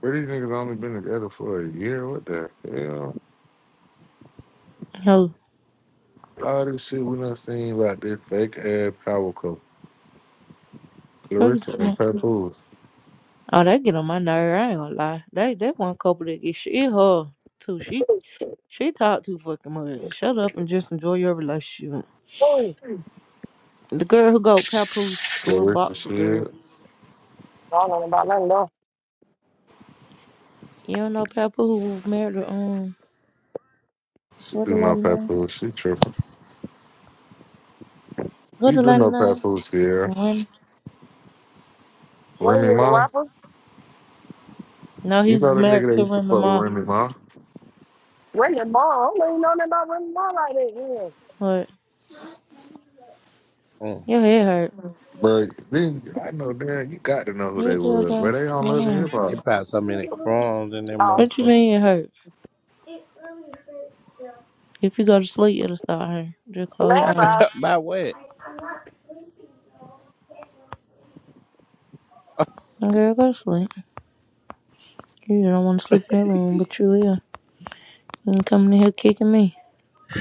S18: Where these niggas only been together for a year? What the hell?
S6: Yo,
S18: All this shit we done seen about this fake ass power couple.
S6: what you
S18: Clarissa
S6: talking
S18: and
S6: about?
S18: Papoose.
S6: Oh, they get on my nerve. I ain't gonna lie. They that one couple that get shit her too. She she talk too fucking much. Shut up and just enjoy your relationship.
S10: Oh,
S6: The girl who go Papu, the little
S18: Clarissa
S6: boxer girl.
S18: shit.
S10: I don't know about nothing though.
S6: You don't know Papu who was married to um
S18: She
S6: what the
S18: do no
S6: lady name?
S18: Papoose. She tripping.
S6: What
S18: You
S6: the
S18: do
S6: lady
S18: no
S6: name?
S18: Papoose here.
S6: Remy.
S10: Ray
S18: Remy
S10: is a
S18: Ma.
S10: rapper.
S6: No, he
S18: You
S6: was
S18: know the nigga
S6: married
S18: that
S6: to
S18: used to
S6: Remy
S18: fuck with
S6: Ma.
S18: Remy Ma.
S10: Ray and Ball. I don't even know nothing about Ray and Ball like that.
S6: What?
S2: Mm.
S6: Your head hurt.
S18: But then I know damn, you got to know who
S6: You'll
S18: they
S6: be
S18: were, but
S6: okay.
S18: they don't
S6: No,
S18: love the
S6: no.
S18: hip hop.
S2: It probably so many crumbs in that
S10: Yeah. Um,
S6: What you
S2: motherfucker.
S6: mean it hurt? It really hurts still. If you go to sleep, it'll start hurting. Just close your
S10: man,
S6: eyes.
S10: by
S2: By what?
S6: I, I'm not sleeping though. Girl, go to sleep. You don't want to sleep in that room, but you will. You coming in here kicking me.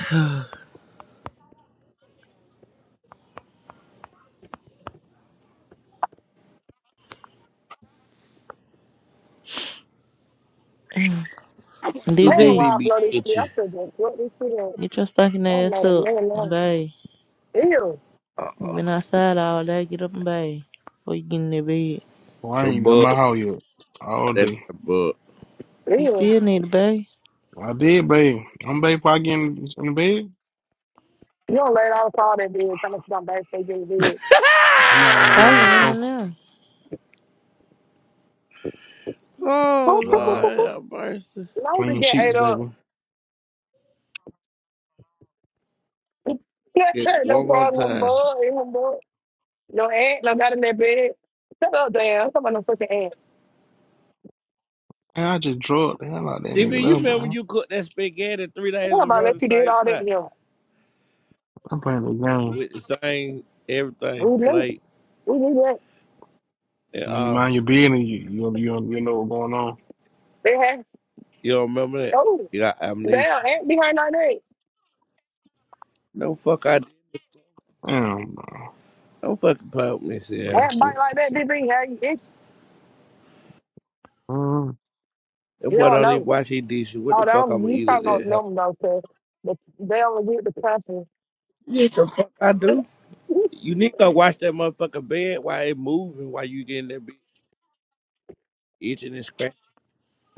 S2: I want to
S10: man,
S2: do
S6: DV,
S2: DV
S10: why I
S2: be
S10: blow this shit? I
S2: itching.
S10: said, what this shit is.
S6: get your stinking
S10: I'm
S6: ass
S10: mad at
S6: up
S10: man
S6: and
S10: now.
S6: bathe.
S10: Ew,
S2: Uh
S6: You
S2: oh.
S6: been outside all day. Get up and bathe before you get in that bed.
S9: well, I
S2: So
S9: ain't done my
S2: bug.
S9: house yet all
S2: That's
S9: day.
S2: my bug.
S6: You
S10: ew.
S6: still need to bathe.
S9: I did, babe. I'm babe. Before I get in, in the bed,
S10: You don't let out all that dude. Tell me something bad. Say get dead.
S9: I'm not in the bed. I'm on the
S6: Probably in and
S9: sofa.
S6: out.
S2: oh
S9: Uh,
S2: Lord have mercy.
S10: No, to
S9: clean
S10: get ate
S9: sheets,
S10: up.
S9: baby.
S10: Yes,
S2: Yeah,
S10: sir. No
S2: one more
S10: problem.
S2: time.
S10: Boy, no boy. No aunt. No got in that bed. Shut up, damn. I'm talking about no fucking aunt.
S9: Man, I just drug the hell out of that
S2: DV,
S9: nigga
S2: you
S9: up,
S2: remember
S9: bro.
S2: you cooked that spaghetti three days in a
S10: about
S2: row in the
S10: let you did
S2: same
S10: all that to
S2: pot
S10: him.
S9: I'm playing the game.
S2: with the same everything
S10: We knew.
S2: plate
S10: Who knew that.
S2: and
S9: When you
S2: all?
S9: mind your business, you you you, you know what's going on.
S10: They had.
S2: you don't remember that?
S10: Oh.
S2: You got amnesia.
S10: Damn, ant behind like that.
S2: No fuck I
S9: Damn, bro.
S2: don't fucking poke me, Sierra.
S10: Ant
S9: Let's see.
S10: bite like
S9: Let's
S10: that,
S9: see.
S10: DB. Hey, it's,
S9: Um,
S2: That
S10: you
S2: boy
S10: don't
S2: don't even
S10: know.
S2: wash his dishes. What
S10: Oh,
S2: the
S10: they
S2: fuck I'ma
S10: don't, you
S2: eat at
S10: probably don't
S2: that
S10: know them,
S2: helper?
S10: though, sir. But they only get the pressure.
S2: Yes, the fuck I do. You need to watch that motherfucker bed while it moving, while you getting that bitch itching and scratching.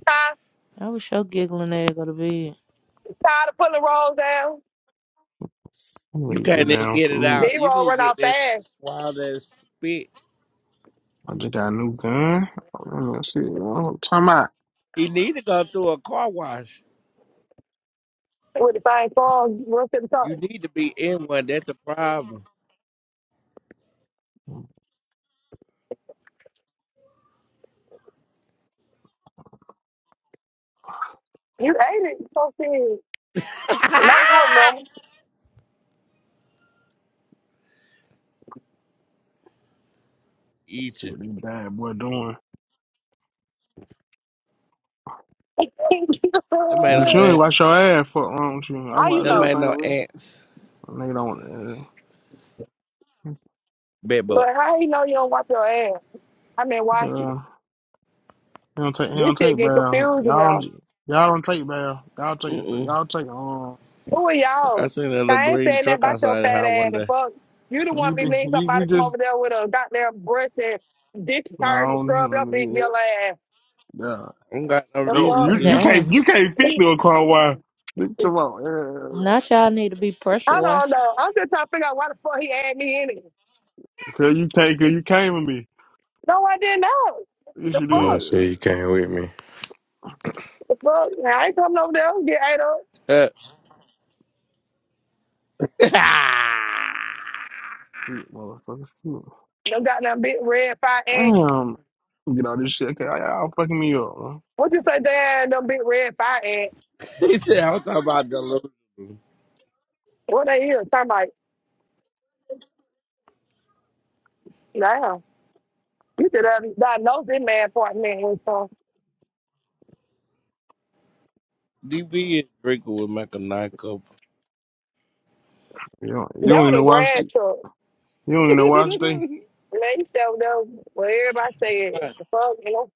S10: tired,
S6: I was sure giggling ass go to bed.
S10: tired of pulling rolls down.
S9: I'm gonna
S2: You
S9: eat the
S2: can't even
S9: damn
S2: get it
S9: food.
S2: out.
S10: They
S2: You
S10: roll
S2: need to
S10: run
S2: get
S10: out
S2: that
S10: fast
S2: swallow that spit.
S9: I just got a new gun. Um, Let's see. You know, what I'm talking about.
S2: He need to go through a car wash.
S10: with the fine song. Real to the
S2: You need to be in one. That's the problem.
S10: You ate it. So serious. No, you remember.
S2: Eat
S9: See
S2: you.
S9: what these bad boy doing.
S2: Them ain't no
S9: Bitch, you ain't
S2: that.
S9: wash your ass for don't you? I
S10: how
S9: watch
S10: you
S2: Them
S10: know?
S2: ain't
S9: everything
S2: no
S9: over here.
S2: ants.
S9: Nigga don't. Uh,
S2: Bed bug.
S10: But how you know you don't wipe your ass? I mean, why?
S9: uh, he don't take. He
S10: This
S9: don't
S10: shit
S9: take
S10: get
S9: bail.
S10: confusing
S9: Y'all don't.
S10: now.
S9: Y'all don't take bail. Y'all take.
S2: Mm mm.
S9: Y'all take. Um.
S10: Who are
S2: I
S10: y'all?
S2: seen that little
S10: I ain't
S2: green
S10: saying that
S2: truck
S10: about your
S2: outside the
S10: fat
S2: house
S10: ass
S2: one
S10: and
S2: day. I
S10: fuck. You the
S9: You
S10: one be
S9: be.
S10: needing
S9: You, you
S10: somebody to come
S9: just.
S10: over there with a goddamn brush and discharge and
S9: No,
S10: scrub your big
S9: no, yeah,
S10: yellow ass.
S9: yeah.
S2: don't got no
S10: The
S9: No,
S2: reason
S10: fuck?
S9: you you
S2: to.
S6: Damn.
S9: can't you can't fit
S10: He,
S9: through a car wire. Nigga, Come on,
S6: Not
S9: yeah.
S6: y'all need to be pressure
S10: I don't
S6: washed.
S10: know. I'm just trying to figure out why the fuck he had me in it.
S9: cause you take cause you came with me.
S10: No, I didn't know.
S9: Yes,
S10: The
S9: you
S12: You don't
S10: fuck?
S9: did.
S12: say you can't with me.
S10: The fuck? I ain't coming over there. Get ate up.
S2: Uh,
S9: You Motherfuckers, too.
S10: Them goddamn big red fire ant.
S9: Damn, get all this shit. Okay, y'all fucking me up. Huh?
S10: What you say, damn, them big red fire ant?
S2: he said, I'm talking about delusion.
S10: What they here? I'm like, damn. You should have diagnosed this man apartment with some.
S2: DB is drinking with Mac a nine cup.
S9: You don't, you don't
S10: That
S9: even
S10: was a
S9: know watch
S10: grass
S9: it.
S10: truck.
S9: you don't even know watch day.
S10: And They sell them. what everybody said, the fuck, you know,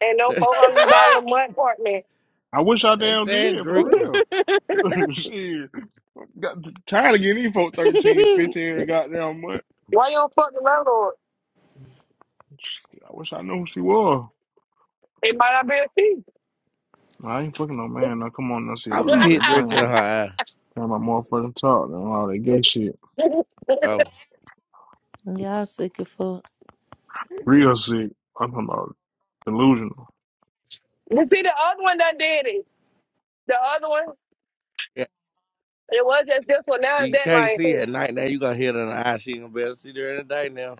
S10: and no four hundred dollar a month apartment.
S9: I wish I
S2: they
S9: damn
S2: said
S9: did for
S2: drinker.
S9: real. shit, got tired of getting these folk 13, 15 every goddamn month.
S10: Why you don't fuck the landlord?
S9: Shit, I wish I knew who she was.
S10: It might not be a fee.
S9: I ain't fucking no man. Now come on, now see that
S2: How
S9: with
S2: would you
S9: all
S2: hit
S9: that
S2: drinker
S9: playing.
S2: in her eye?
S9: Got my motherfucking talk and all that gay shit.
S2: Oh,
S6: Y'all sick of fuck.
S9: Real sick. I'm talking about delusional.
S10: you see, the other one done did it. The other one,
S2: yeah.
S10: it was just this one. Now it's
S2: She
S10: that
S2: can't
S10: line
S2: see
S10: too.
S2: at night now. You gonna hit her in the eye. She ain't gonna be able to see her in the day now.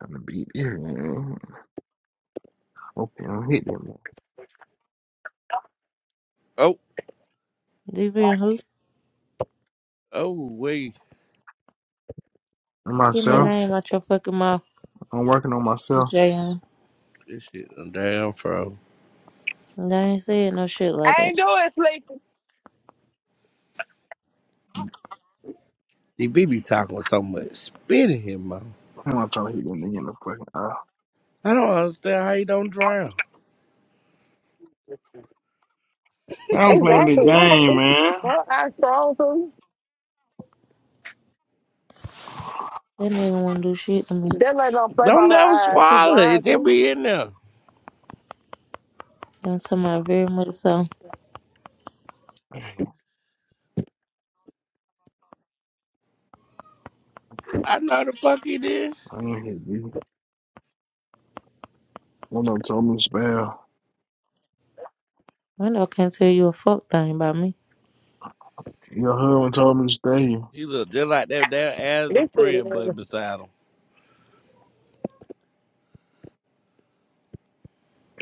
S9: going to beat it, man. Okay, I'm hit that man.
S2: Oh,
S6: DV and who?
S2: oh, wait.
S9: And
S6: Get my
S9: myself,
S2: Oh,
S6: name out your fucking mouth,
S9: I'm working on myself.
S6: JM.
S2: this shit done damn fro.
S6: I ain't said no shit like
S10: I
S6: that.
S10: ain't doing sleep.
S2: DB be talking with so much spit in him, man.
S9: I'm not trying to hit that nigga in the fucking eye.
S2: I don't understand how he don't drown.
S9: I'm playing the
S10: Exactly. Who want
S9: game,
S10: me?
S9: man.
S10: Her eyes strong too.
S6: That nigga want to do shit to me.
S10: That lady don't play by
S2: Don't
S10: her
S2: never
S10: eyes. She
S2: swallow it.
S10: blind
S2: They
S10: too.
S2: be in there.
S6: I'm talking about very much so.
S9: I
S2: I know the fuck he did.
S9: ain't hit you. One of them told me to spell.
S6: Randall can't tell you a fuck thing about me.
S9: Your husband told me to stay here.
S2: He looked just like that there as a
S10: This bitch,
S2: friend
S10: uh,
S2: button beside him.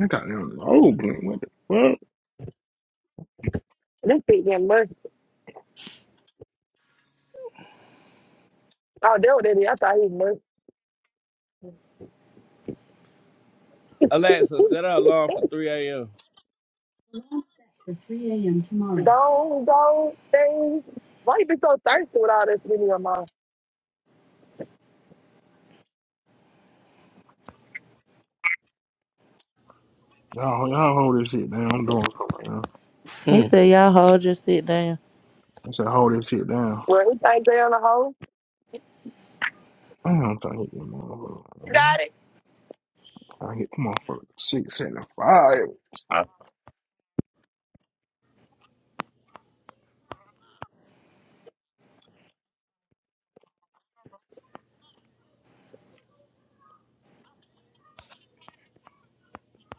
S9: I got them old blink. What the fuck?
S10: this bitch getting mercy. Oh, that was it. is. I thought he was mercy.
S2: Alexa, set our alarm for 3 a.m.
S10: Don't don't things. Why you be so thirsty with all this video, your mom?
S9: Y'all, y'all hold this shit down. I'm doing something right now.
S6: He
S2: Hmm.
S6: said, y'all hold just sit down.
S9: I said, hold this shit down.
S10: Well, he think they on the hoe.
S9: I don't trying to hit them
S10: You
S9: motherfuckers.
S10: got it.
S9: I hit them motherfuckers six and five.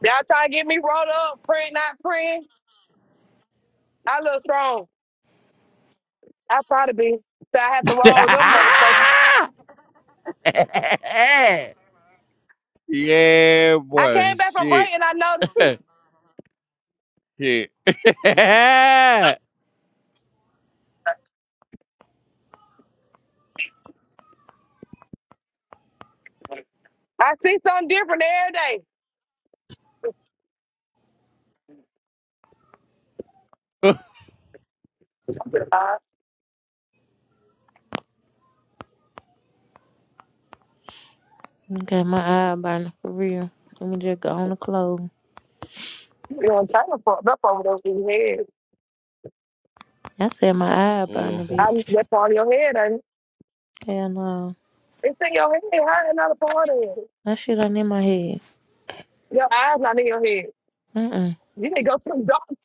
S10: Y'all trying to get me rolled up, friend, not friend. I look strong. I probably be. So I have to roll them motherfuckers.
S2: yeah,
S10: I
S2: boy.
S10: came back from break
S2: Shit.
S10: and I noticed it.
S2: Shit.
S10: I see something different every day. Uh,
S6: Okay, my eye burning for real. Let me just go on the clothes.
S10: you know, I'm trying to fuck up over those in your head.
S6: I said my eye
S2: Mm.
S6: burning,
S10: I,
S6: bitch.
S10: that part of your head, and
S6: Hell no.
S10: it's in your head. How another part of it?
S6: That shit ain't in my head.
S10: Your eyes not in your head.
S6: Mm-mm.
S10: You need to go to the doctor.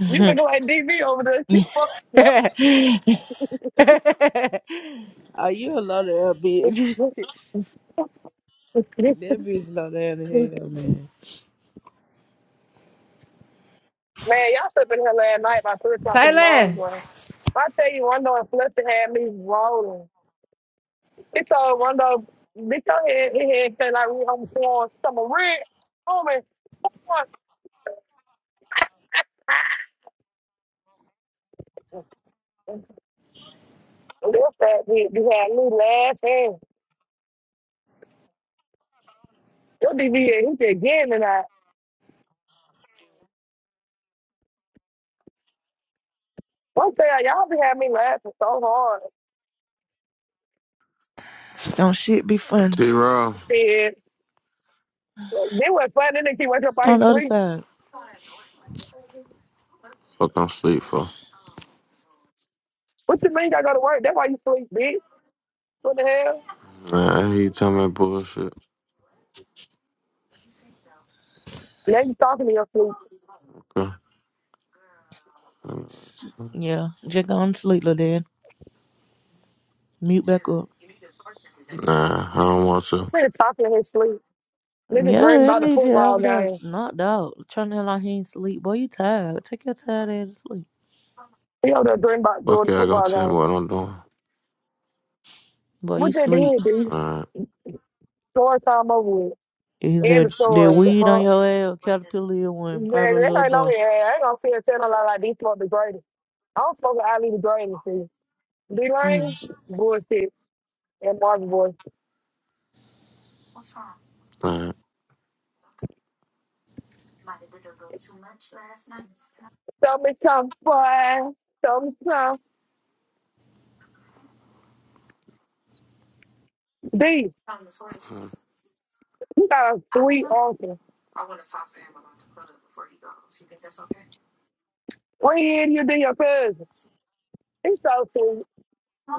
S10: You need
S6: Are
S10: to go at DV over there. You fucked
S6: you a loaded up
S10: up.
S6: bitch?
S10: Man,
S6: That bitch low down the
S10: y'all
S6: hell, man.
S10: slept in here last night by three o'clock in the
S6: Taylor!
S10: morning, boy. I tell you, one day Fletcher had me rolling. He told one day, bitch, your head, his head felt like we on the floor. Some red, homie, what? What's that? bitch? You had me laughing. Your DV, he just getting it out. One day, y'all be having me laughing so hard.
S6: Don't shit be fun.
S12: T Raw.
S10: He said, They was funny, then he wake up out
S6: On
S10: his
S6: the other
S10: sleep.
S6: side,
S12: Fuck I'm sleep for.
S10: What you mean I go to work? That's why you sleep, bitch. What the hell?
S12: Nah, I hear you telling me bullshit.
S10: Now you talking to your sleep.
S12: Okay.
S6: yeah, just go on to sleep, little dad. Mute back up.
S12: Nah, I don't want to.
S10: Quit talking to his sleep. Nigga
S6: Yeah,
S10: dream
S6: that
S10: about the
S6: nigga just
S10: football
S6: over there
S10: game.
S6: knocked out, trying to act like he ain't sleep. Boy, you tired. Take your tired ass to sleep.
S10: He over there dream about doing
S12: Fuck
S10: the
S12: yeah, I gonna
S10: football
S12: tell me
S10: game.
S12: what I'm doing.
S6: Boy, you
S10: What they
S6: sleep.
S10: did, D,
S12: Alright,
S10: story time over with.
S6: Is
S10: End of
S6: that that
S10: story. The
S6: weed on
S10: fuck?
S6: your ass? or Caterpillar in one,
S10: Nigga,
S6: probably a
S10: there
S6: little
S10: ain't no
S6: both.
S10: here. I ain't gonna feel tell no lie like these fuck the greatest. I don't fuck with Ali the greatest, see.
S6: Mm.
S10: D-Lane, bullshit. And Marvin Boy.
S12: alright.
S10: Tell me something, boy. Tell me something. D, you got a sweet uncle. When he in you, D, your cousin. He's so sweet.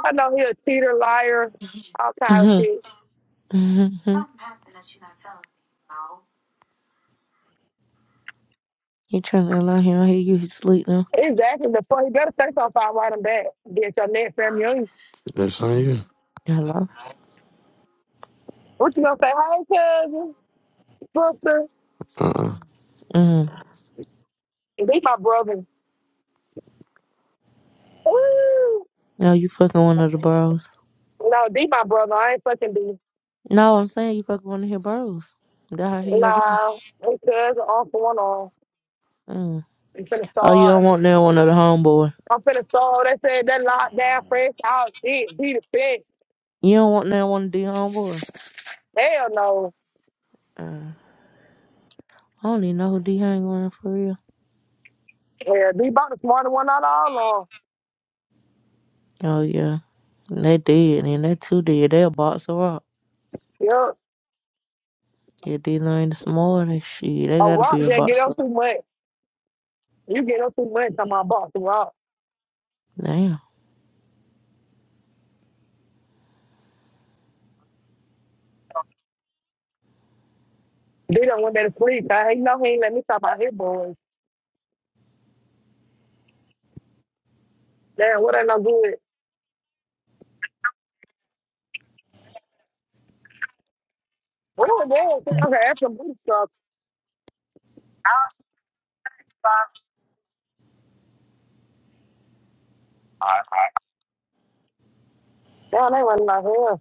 S10: I know he a cheater, liar, all kind of
S6: Mm-hmm.
S10: shit.
S6: Mm-hmm. You trying to act like he don't hear you? He sleep now.
S10: Exactly. Before he better say something, so I write him back. Get your next family on you.
S12: That's on you.
S6: Hello.
S10: What you gonna say? Hi, cousin, sister.
S12: Uh-uh.
S6: Mm.
S10: They my brother. Ooh.
S6: No, you fucking one of the bros.
S10: No, they my brother. I ain't fucking be.
S6: No, I'm saying you fucking one of his bros. That how he your brother.
S10: Nah, his cousin, uncle, one on.
S6: Mm.
S10: I'm finna
S6: Oh, you don't
S10: start.
S6: want that one of the homeboy.
S10: I'm finna start. They said that lockdown fresh out. Did be the best.
S6: You don't want that one D homeboy?
S10: Hell no.
S6: Uh, I don't even know who D hang around for real.
S10: Yeah, be about the smarter one out of all of
S6: Oh yeah. they did, and they too did. They a boxer up.
S10: them. Yup.
S6: Yeah, D Lane the smaller than shit. They
S10: A
S6: gotta
S10: rock
S6: be a
S10: that get
S6: boxer
S10: up too much. You get up too much. I'm my boss, a rock.
S6: Damn.
S10: They don't want that to sleep. I ain't know. he ain't let me talk about his boy. Damn, what I not good? Well, damn, see, I can ask some booty stuff. Damn, they went in my hair.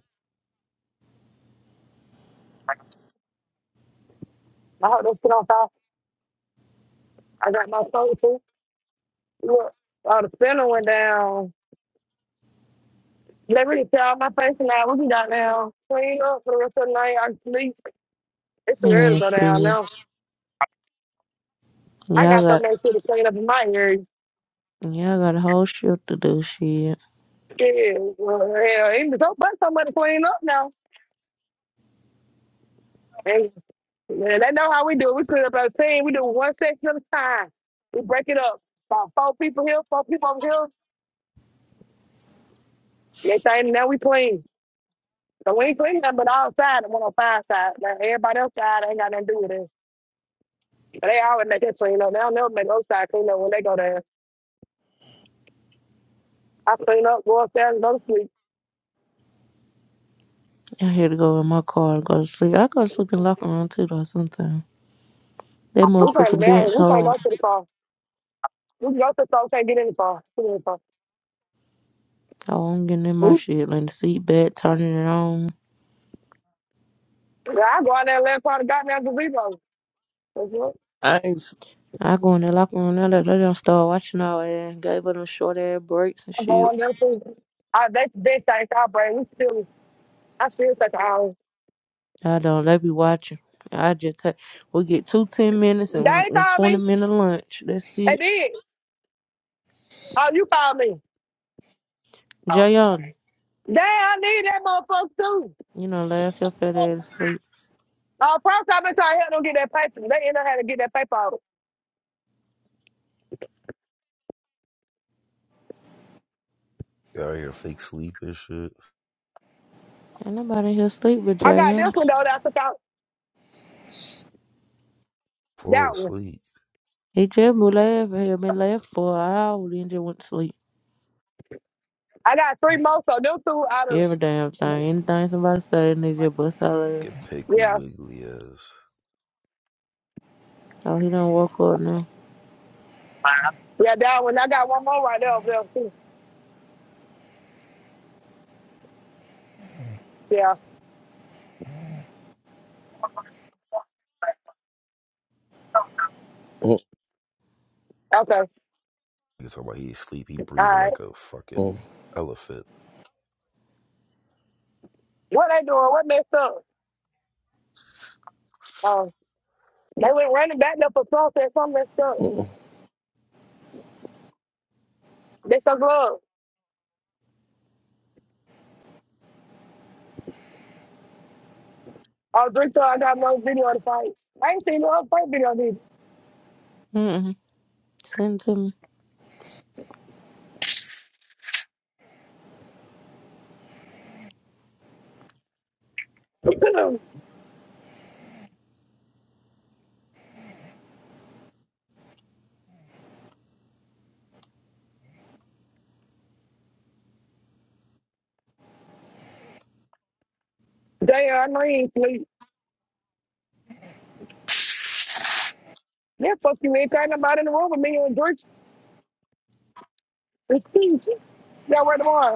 S10: I hope they sit on fire. I got my soul too. Look, all the spinner went down. They really tear out my face now. We be down now. Clean up for the rest of the night. I can sleep. It's too early to
S6: Yeah,
S10: go down
S6: shit.
S10: now. I
S6: Yeah, I
S10: got so
S6: got
S10: much shit to clean up in my area.
S6: yeah, I got a whole shift to do shit.
S10: Yeah, well, hell, ain't so much somebody to clean up now. And, and they know how we do it. We clean up our team. We do one section at a time. We break it up. About four people here, four people over here. Next thing now we clean. So we ain't clean nothing but outside and 105 side. Now everybody else side ain't got nothing to do with it. But they always make that clean up. They don't never make those side clean up when they go there. I clean up, go upstairs, and go to sleep.
S6: I had to go in my car and go to sleep. I go to sleep in the locker room too though sometimes. That
S10: We can't
S6: motherfucking
S10: down.
S6: bench
S10: We can't go
S6: hard.
S10: to the car. We can go to the store, can't get in the car. Get in the car.
S6: I won't get in my shit, like the seat back, turning it on.
S10: Yeah, I go out there and let part of goddamn gazebo. That's what
S2: I ain't
S6: I go in there, lock on there. that they don't start watching our ass. gave her them short ass breaks and
S10: I'm
S6: shit.
S10: going there too. I, that's the best thing I bring. We still, I still take hours.
S6: I don't. They be watching. I just take. We get two ten minutes and,
S10: They
S6: and
S10: called
S6: twenty
S10: me.
S6: minute lunch. That's
S10: They
S6: it.
S10: did. Oh, you called me.
S6: Jayana,
S10: Damn, I need that motherfucker too.
S6: you know, laugh your fat ass to sleep.
S10: Uh, props, I've been trying to help them get that paper. They end up having to get that paper out.
S4: you out here fake sleep and shit.
S6: Ain't nobody here sleep but
S10: I got
S6: Jayana.
S10: this one though that I took out
S4: Fall
S10: that one.
S4: asleep.
S6: He just been laughing. He been laughing for an hour. Then just went to sleep.
S10: I got three more, so them two out of
S6: Every damn thing. Anything somebody say, they just bust out laugh.
S4: Get piggly
S10: yeah.
S4: wiggly ass.
S6: Oh, he done woke up now.
S10: Yeah, that one. I got one more right there over there too. Yeah.
S2: sleep.
S10: Okay. All
S4: You talking about he sleep? he breathing
S10: right.
S4: like a fucking elephant.
S10: What they doing? What messed up? Um they went running back there for process, some messed up.
S2: Mm-mm.
S10: They so gloves. Oh, drink till I got no video of the fight. I ain't seen no other fight video neither.
S6: Mm mm. Send it to me.
S10: Damn, I know you ain't sleep. Yeah, fuck you, ain't got nobody in the room with me and Drake. It's Steve. Yeah, where the boy?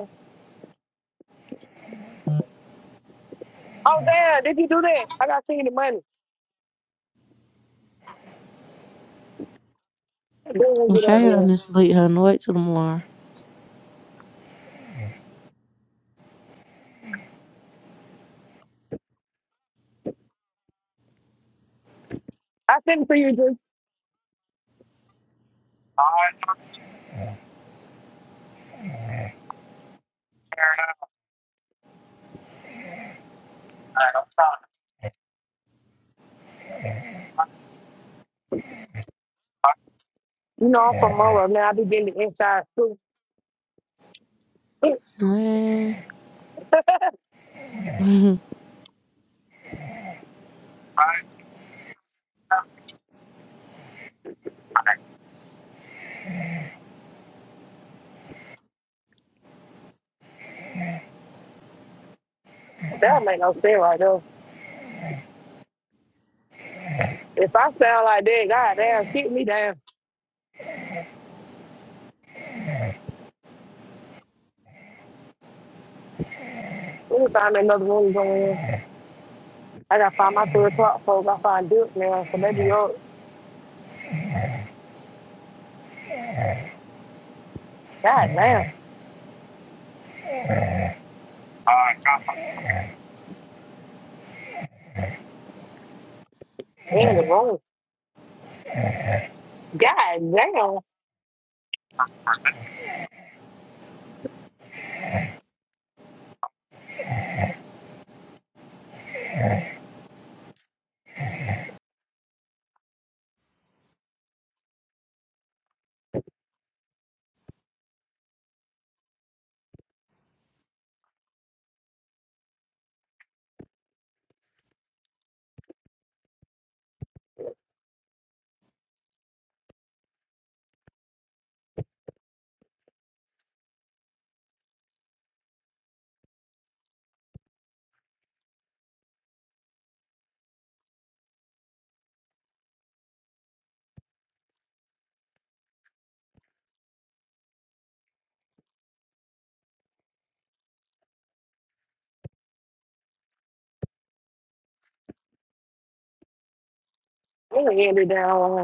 S10: Oh, damn, did you do that? I got to see the money. Then we get out there.
S6: Jayana sleep. Honey. Wait till tomorrow.
S10: I sent it for you, just you know, I'm from Monroe. Man, I be getting the inside too.
S6: Man.
S10: that
S6: Mhm.
S10: make no sense right there. If I sound like that, god damn, kick me down. Let me find another room to go in. I gotta find my third o'clock folks. I find Duke now, so they be up. God damn, and the room. God damn, they done ended down.